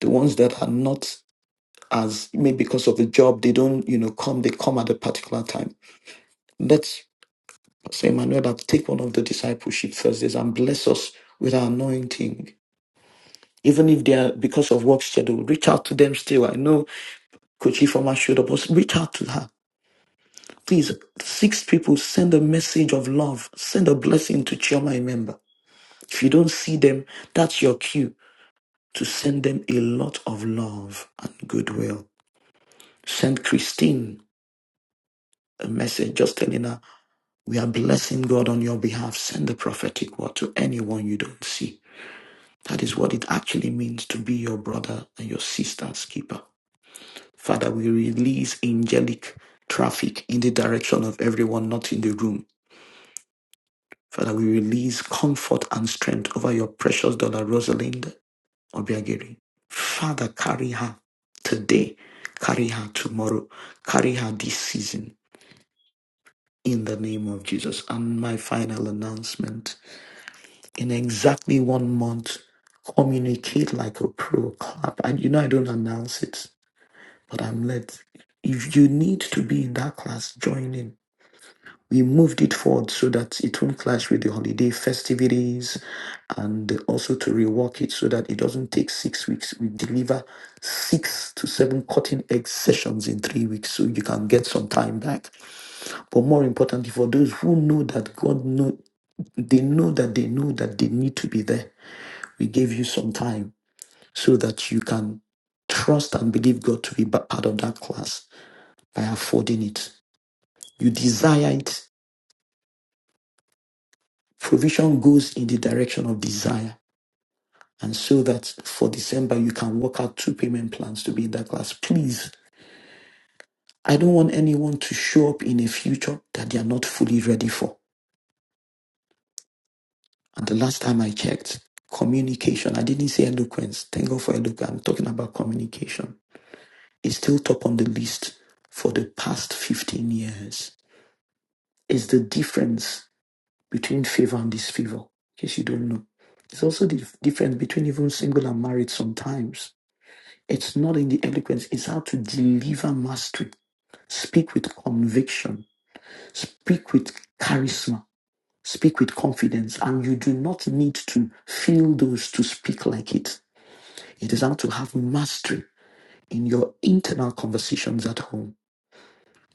the ones that are not as maybe because of the job they don't you know come they come at a particular time let's say Emmanuel, take one of the discipleship Thursdays and bless us with our anointing even if they are because of work schedule, reach out to them still. I know Coach Ifoma showed up, but reach out to her. Please, six people, send a message of love, send a blessing to Chioma member. If you don't see them, that's your cue to send them a lot of love and goodwill. Send Christine a message just telling her, We are blessing God on your behalf. Send the prophetic word to anyone you don't see. That is what it actually means to be your brother and your sister's keeper. Father, we release angelic traffic in the direction of everyone not in the room. Father, we release comfort and strength over your precious daughter, Rosalind Obiageri. Father, carry her today, carry her tomorrow, carry her this season in the name of Jesus. And my final announcement in exactly one month, communicate like a pro clap. And you know, I don't announce it, but I'm led. If you need to be in that class, join in we moved it forward so that it won't clash with the holiday festivities and also to rework it so that it doesn't take six weeks. We deliver six to seven cutting edge sessions in three weeks so you can get some time back. But more importantly, for those who know that God know they know that they know that they need to be there. We gave you some time so that you can trust and believe God to be ba- part of that class by affording it. You desire it Provision goes in the direction of desire. And so that for December, you can work out two payment plans to be in that class. Please, I don't want anyone to show up in a future that they are not fully ready for. And the last time I checked, communication, I didn't say eloquence. Thank God for eloquence. I'm talking about communication. It's still top on the list for the past 15 years. It's the difference between favor and disfavor, in case you don't know. It's also the difference between even single and married sometimes It's not in the eloquence, it's how to deliver mastery. Speak with conviction, speak with charisma, speak with confidence, and you do not need to feel those to speak like it. It is how to have mastery in your internal conversations at home.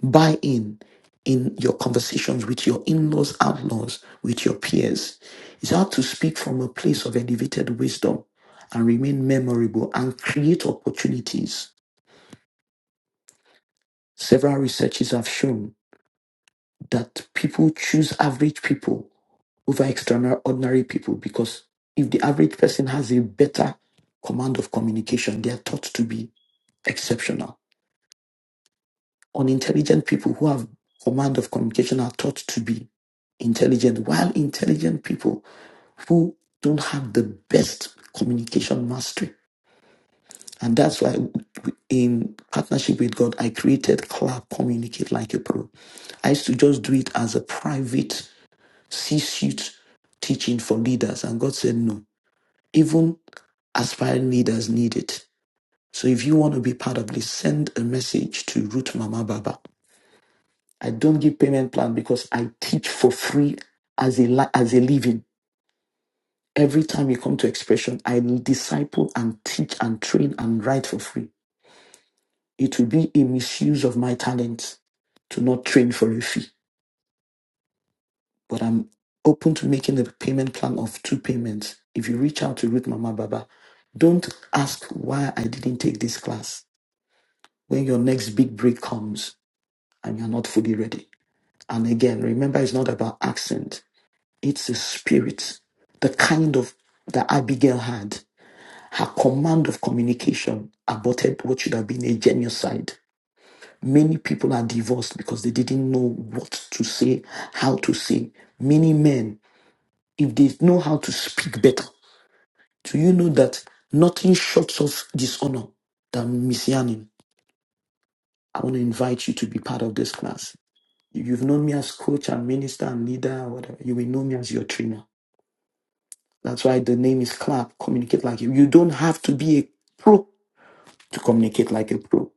Buy in in your conversations with your in laws, outlaws, with your peers. It's how to speak from a place of elevated wisdom and remain memorable and create opportunities Several researches have shown that people choose average people over extraordinary people because if the average person has a better command of communication, they are thought to be exceptional. Unintelligent people who have command of communication are thought to be intelligent, while intelligent people who don't have the best communication mastery. And that's why, in partnership with God, I created CLAP Communicate Like a Pro I used to just do it as a private C suite teaching for leaders. And God said, no, even aspiring leaders need it. So if you want to be part of this, send a message to Root Mama Baba. I don't give payment plan because I teach for free as a, li- as a living. Every time you come to expression, I disciple and teach and train and write for free. It will be a misuse of my talent to not train for a fee. but I'm open to making a payment plan of two payments. If you reach out to Ruth Mama Baba, don't ask why I didn't take this class when your next big break comes and you're not fully ready. And again, remember, it's not about accent, it's a spirit, the kind of that Abigail had. Her command of communication aborted what should have been a genocide. Many people are divorced because they didn't know what to say, how to say. Many men if they know how to speak better. Do you know that nothing short of dishonor than messianing? I want to invite you to be part of this class. If you've known me as coach and minister and leader, whatever, you will know me as your trainer. That's why the name is Clap, communicate like you. You don't have to be a pro to communicate like a pro.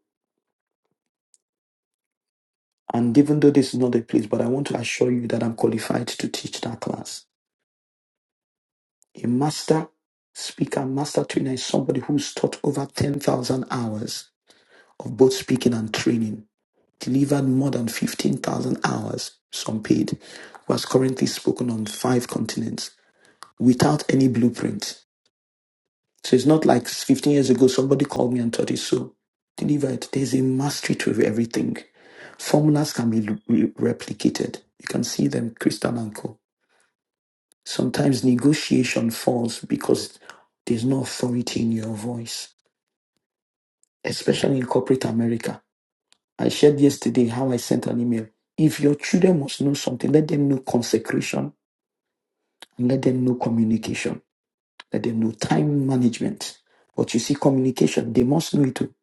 And even though this is not a place, but I want to assure you that I'm qualified to teach that class. A master speaker, master trainer is somebody who's taught over 10,000 hours of both speaking and training, delivered more than 15,000 hours, some paid, who has currently spoken on five continents without any blueprint. So it's not like 15 years ago somebody called me and told it so. Delivered. There's a mastery to everything. Formulas can be lu- re- replicated. You can see them, Crystal and Co. Sometimes negotiation falls because there's no authority in your voice, especially in corporate America I shared yesterday how I sent an email. If your children must know something, let them know consecration and let them know communication. Let them know time management. But you see, communication, they must know it too.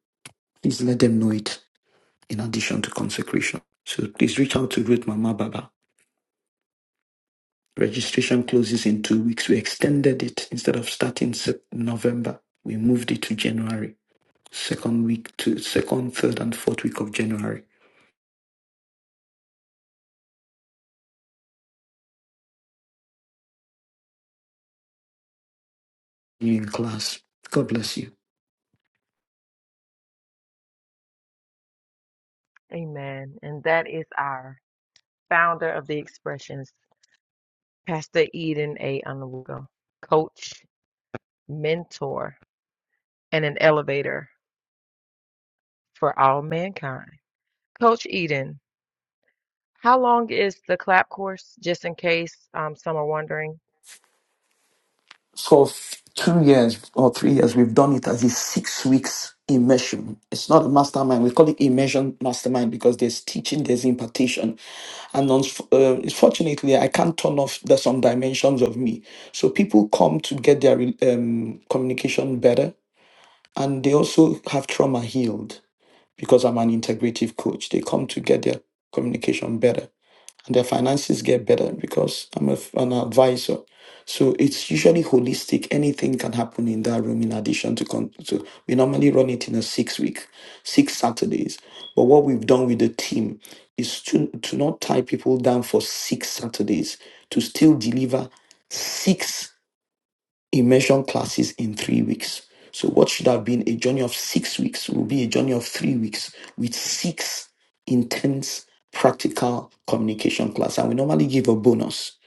Please let them know it in addition to consecration. So please reach out to Ruth Mama Baba. Registration closes in two weeks. We extended it instead of starting Sep- November. We moved it to January. Second week to second, third, and fourth week of January. You in class. God bless you.
amen. And that is our founder of the expressions, Pastor Eden A. Anawugo, coach, mentor, and an elevator for all mankind. Coach Eden, How long is the clap course, just in case um, some are wondering?
for f- two years or three years, we've done it as a six weeks immersion. It's not a mastermind. We call it immersion mastermind because there's teaching, there's impartation. And unfortunately, fortunately, I can't turn off the, some dimensions of me. So people come to get their re- um, communication better and they also have trauma healed because I'm an integrative coach. They come to get their communication better and their finances get better because I'm a f an advisor. So it's usually holistic. Anything can happen in that room in addition to, con- to we normally run it in a six week, six Saturdays. But what we've done with the team is to, to not tie people down for six Saturdays, to still deliver six immersion classes in three weeks. So, what should have been a journey of six weeks will be a journey of three weeks with six intense practical communication class. And we normally give a bonus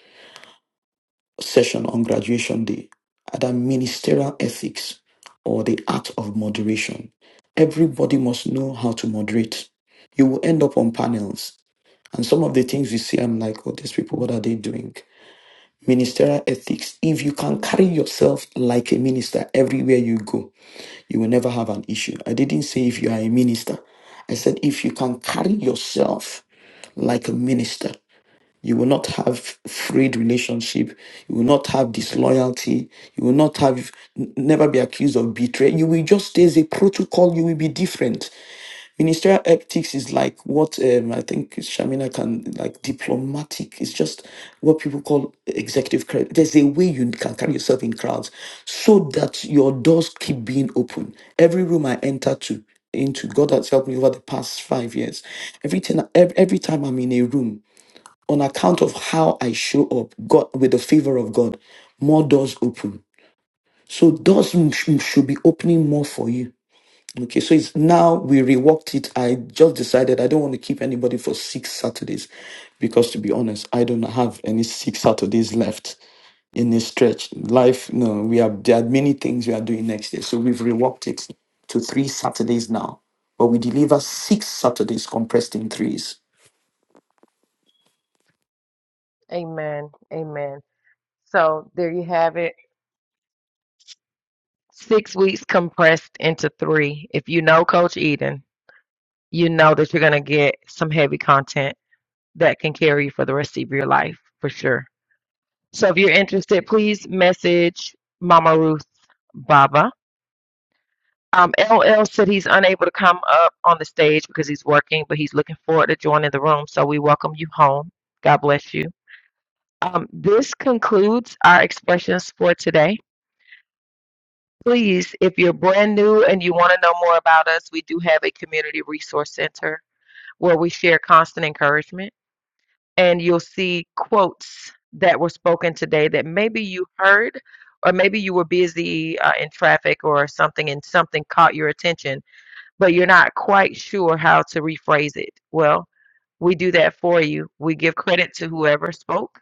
session on graduation day, either ministerial ethics or the art of moderation. Everybody must know how to moderate. You will end up on panels. And some of the things you see, I'm like, oh, these people, what are they doing? Ministerial ethics. If you can carry yourself like a minister everywhere you go, you will never have an issue. I didn't say if you are a minister. I said if you can carry yourself like a minister, you will not have frayed relationship. You will not have disloyalty. You will not have n- never be accused of betrayal. You will just there's a protocol. You will be different. Ministerial ethics is like what um, I think Shamina can like diplomatic. It's just what people call executive credit. There's a way you can carry yourself in crowds so that your doors keep being open. Every room I enter to into God has helped me over the past five years. Everything every, every time I'm in a room, on account of how I show up, God with the favor of God, more doors open. So doors m- sh- should be opening more for you Okay, so it's now we reworked it. I just decided I don't want to keep anybody for six Saturdays because to be honest, I don't have any six Saturdays left in a stretch. Life, no, we have there are many things we are doing next year. So we've reworked it to three Saturdays now. But we deliver six Saturdays compressed in threes.
Amen. Amen. So there you have it. Six weeks compressed into three. If you know Coach Eden, you know that you're going to get some heavy content that can carry you for the rest of your life for sure. So if you're interested, please message Mama Ruth Baba. Um, LL said he's unable to come up on the stage because he's working, but he's looking forward to joining the room. So we welcome you home. God bless you. Um, this concludes our expressions for today. Please, if you're brand new and you want to know more about us, we do have a community resource center where we share constant encouragement. And you'll see quotes that were spoken today that maybe you heard, or maybe you were busy uh, in traffic or something, and something caught your attention, but you're not quite sure how to rephrase it. Well, we do that for you. We give credit to whoever spoke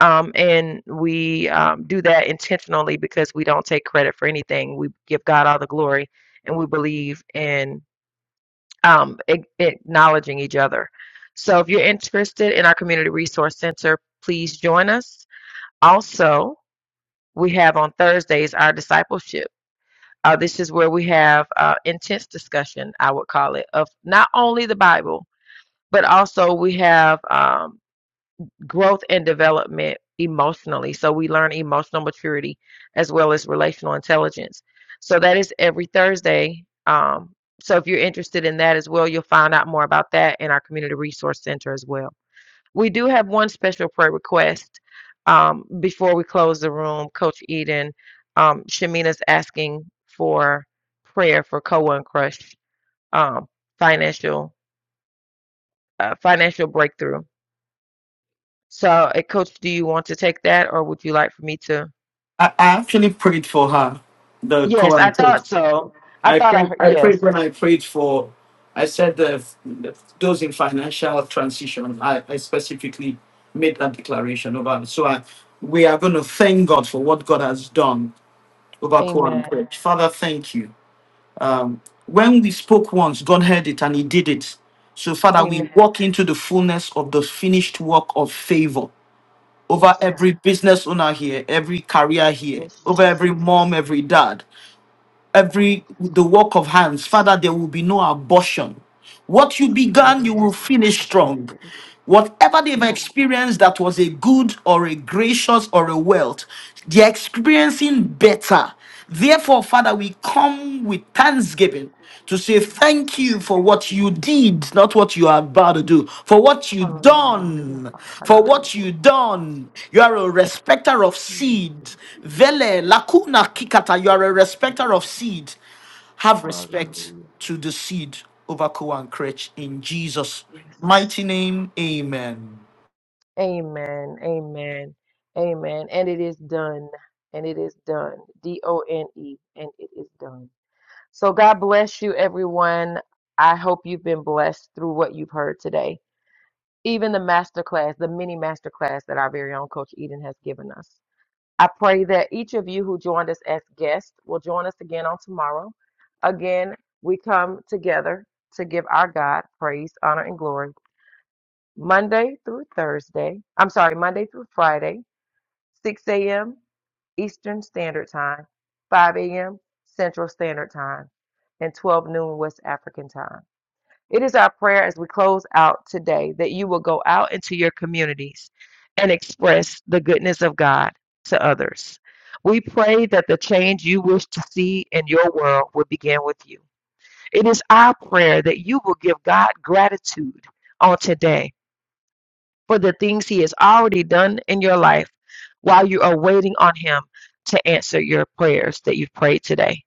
Um, and we um, do that intentionally because we don't take credit for anything. We give God all the glory, and we believe in um, a- acknowledging each other. So, if you're interested in our Community Resource Center, please join us. Also, we have on Thursdays our discipleship. Uh, this is where we have uh, intense discussion, I would call it, of not only the Bible, but also we have um, growth and development emotionally. So we learn emotional maturity as well as relational intelligence. So that is every Thursday. Um, so if you're interested in that as well, you'll find out more about that in our Community Resource Center as well. We do have one special prayer request um, before we close the room. Coach Eden, um, Shamina's asking for prayer for Koa and Crush um, financial uh, financial breakthrough. So, uh, Coach, do you want to take that, or would you like for me to?
I, I actually prayed for her, the
Yes,
co
I
anchor
thought so. I
I
thought I
prayed.
heard.
I prayed
Yes.
when I prayed for. I said the, the those in financial transition. I, I specifically made that declaration over. So I, we are going to thank God for what God has done over
Amen.
Quran Church. Father, thank you. When we spoke once, God heard it and He did it. So Father, we
Amen.
walk into the fullness of the finished work of favor over
Yes, God.
every business owner here, every career here,
Yes,
over
Jesus.
every mom, every dad every
Amen.
the work of hands. Father, there will be no abortion. What you began, you will finish strong. Whatever they've experienced that was a good or a gracious or a wealth, they're experiencing better. Therefore, Father, we come with thanksgiving to say thank you for what you did, not what you are about to do, for what you done, for what you done. You are a respecter of seed. Vele lakuna kikata, you are a respecter of seed. Have respect to the seed over Ko and Cretch in Jesus' mighty name. Amen.
Amen. Amen. And it is done. And it is done. D O N E. And it is done. So, God bless you, everyone. I hope you've been blessed through what you've heard today. even the masterclass, the mini masterclass that our very own Coach Eden has given us. I pray that each of you who joined us as guests will join us again on tomorrow. Again, we come together to give our God praise, honor, and glory Monday through Thursday. I'm sorry, Monday through Friday, 6 a.m. Eastern Standard Time, 5 a.m. Central Standard Time, and 12 noon West African Time. It is our prayer as we close out today that you will go out into your communities and express the goodness of God to others. We pray that the change you wish to see in your world will begin with you. It is our prayer that you will give God gratitude on today for the things He has already done in your life while you are waiting on Him to answer your prayers that you've prayed today.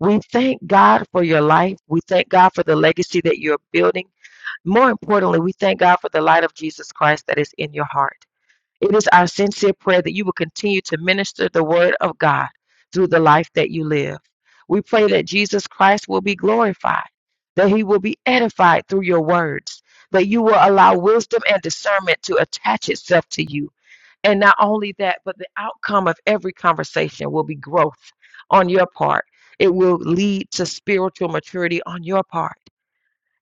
We thank God for your life. We thank God for the legacy that you're building. More importantly, we thank God for the light of Jesus Christ that is in your heart. It is our sincere prayer that you will continue to minister the word of God through the life that you live. We pray that Jesus Christ will be glorified, that he will be edified through your words, that you will allow wisdom and discernment to attach itself to you. And not only that, but the outcome of every conversation will be growth on your part. It will lead to spiritual maturity on your part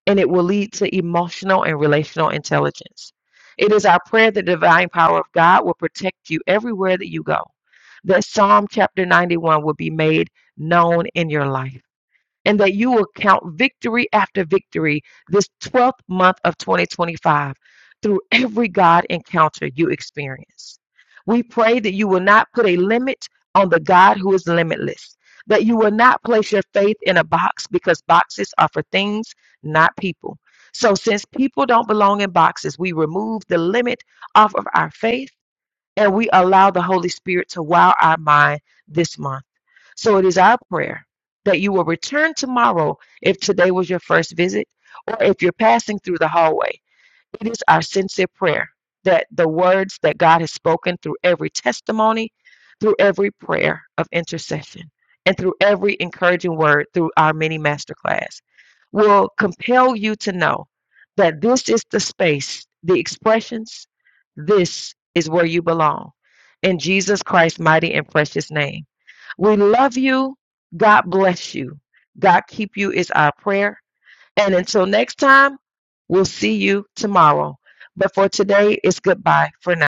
and it will lead to emotional and relational intelligence. It is our prayer that the divine power of God will protect you everywhere that you go, that Psalm chapter 91 will be made known in your life and that you will count victory after victory this 12th month of 2025 through every God encounter you experience. We pray that you will not put a limit on the God who is limitless, that you will not place your faith in a box because boxes are for things, not people. So, since people don't belong in boxes, we remove the limit off of our faith and we allow the Holy Spirit to wow our mind this month. So it is our prayer that you will return tomorrow if today was your first visit or if you're passing through the hallway. It is our sincere prayer that the words that God has spoken through every testimony, through every prayer of intercession, and through every encouraging word through our mini masterclass will compel you to know that this is the space, the expressions, this is where you belong. In Jesus Christ's mighty and precious name. We love you. God bless you. God keep you is our prayer. And until next time, we'll see you tomorrow. But for today, it's goodbye for now.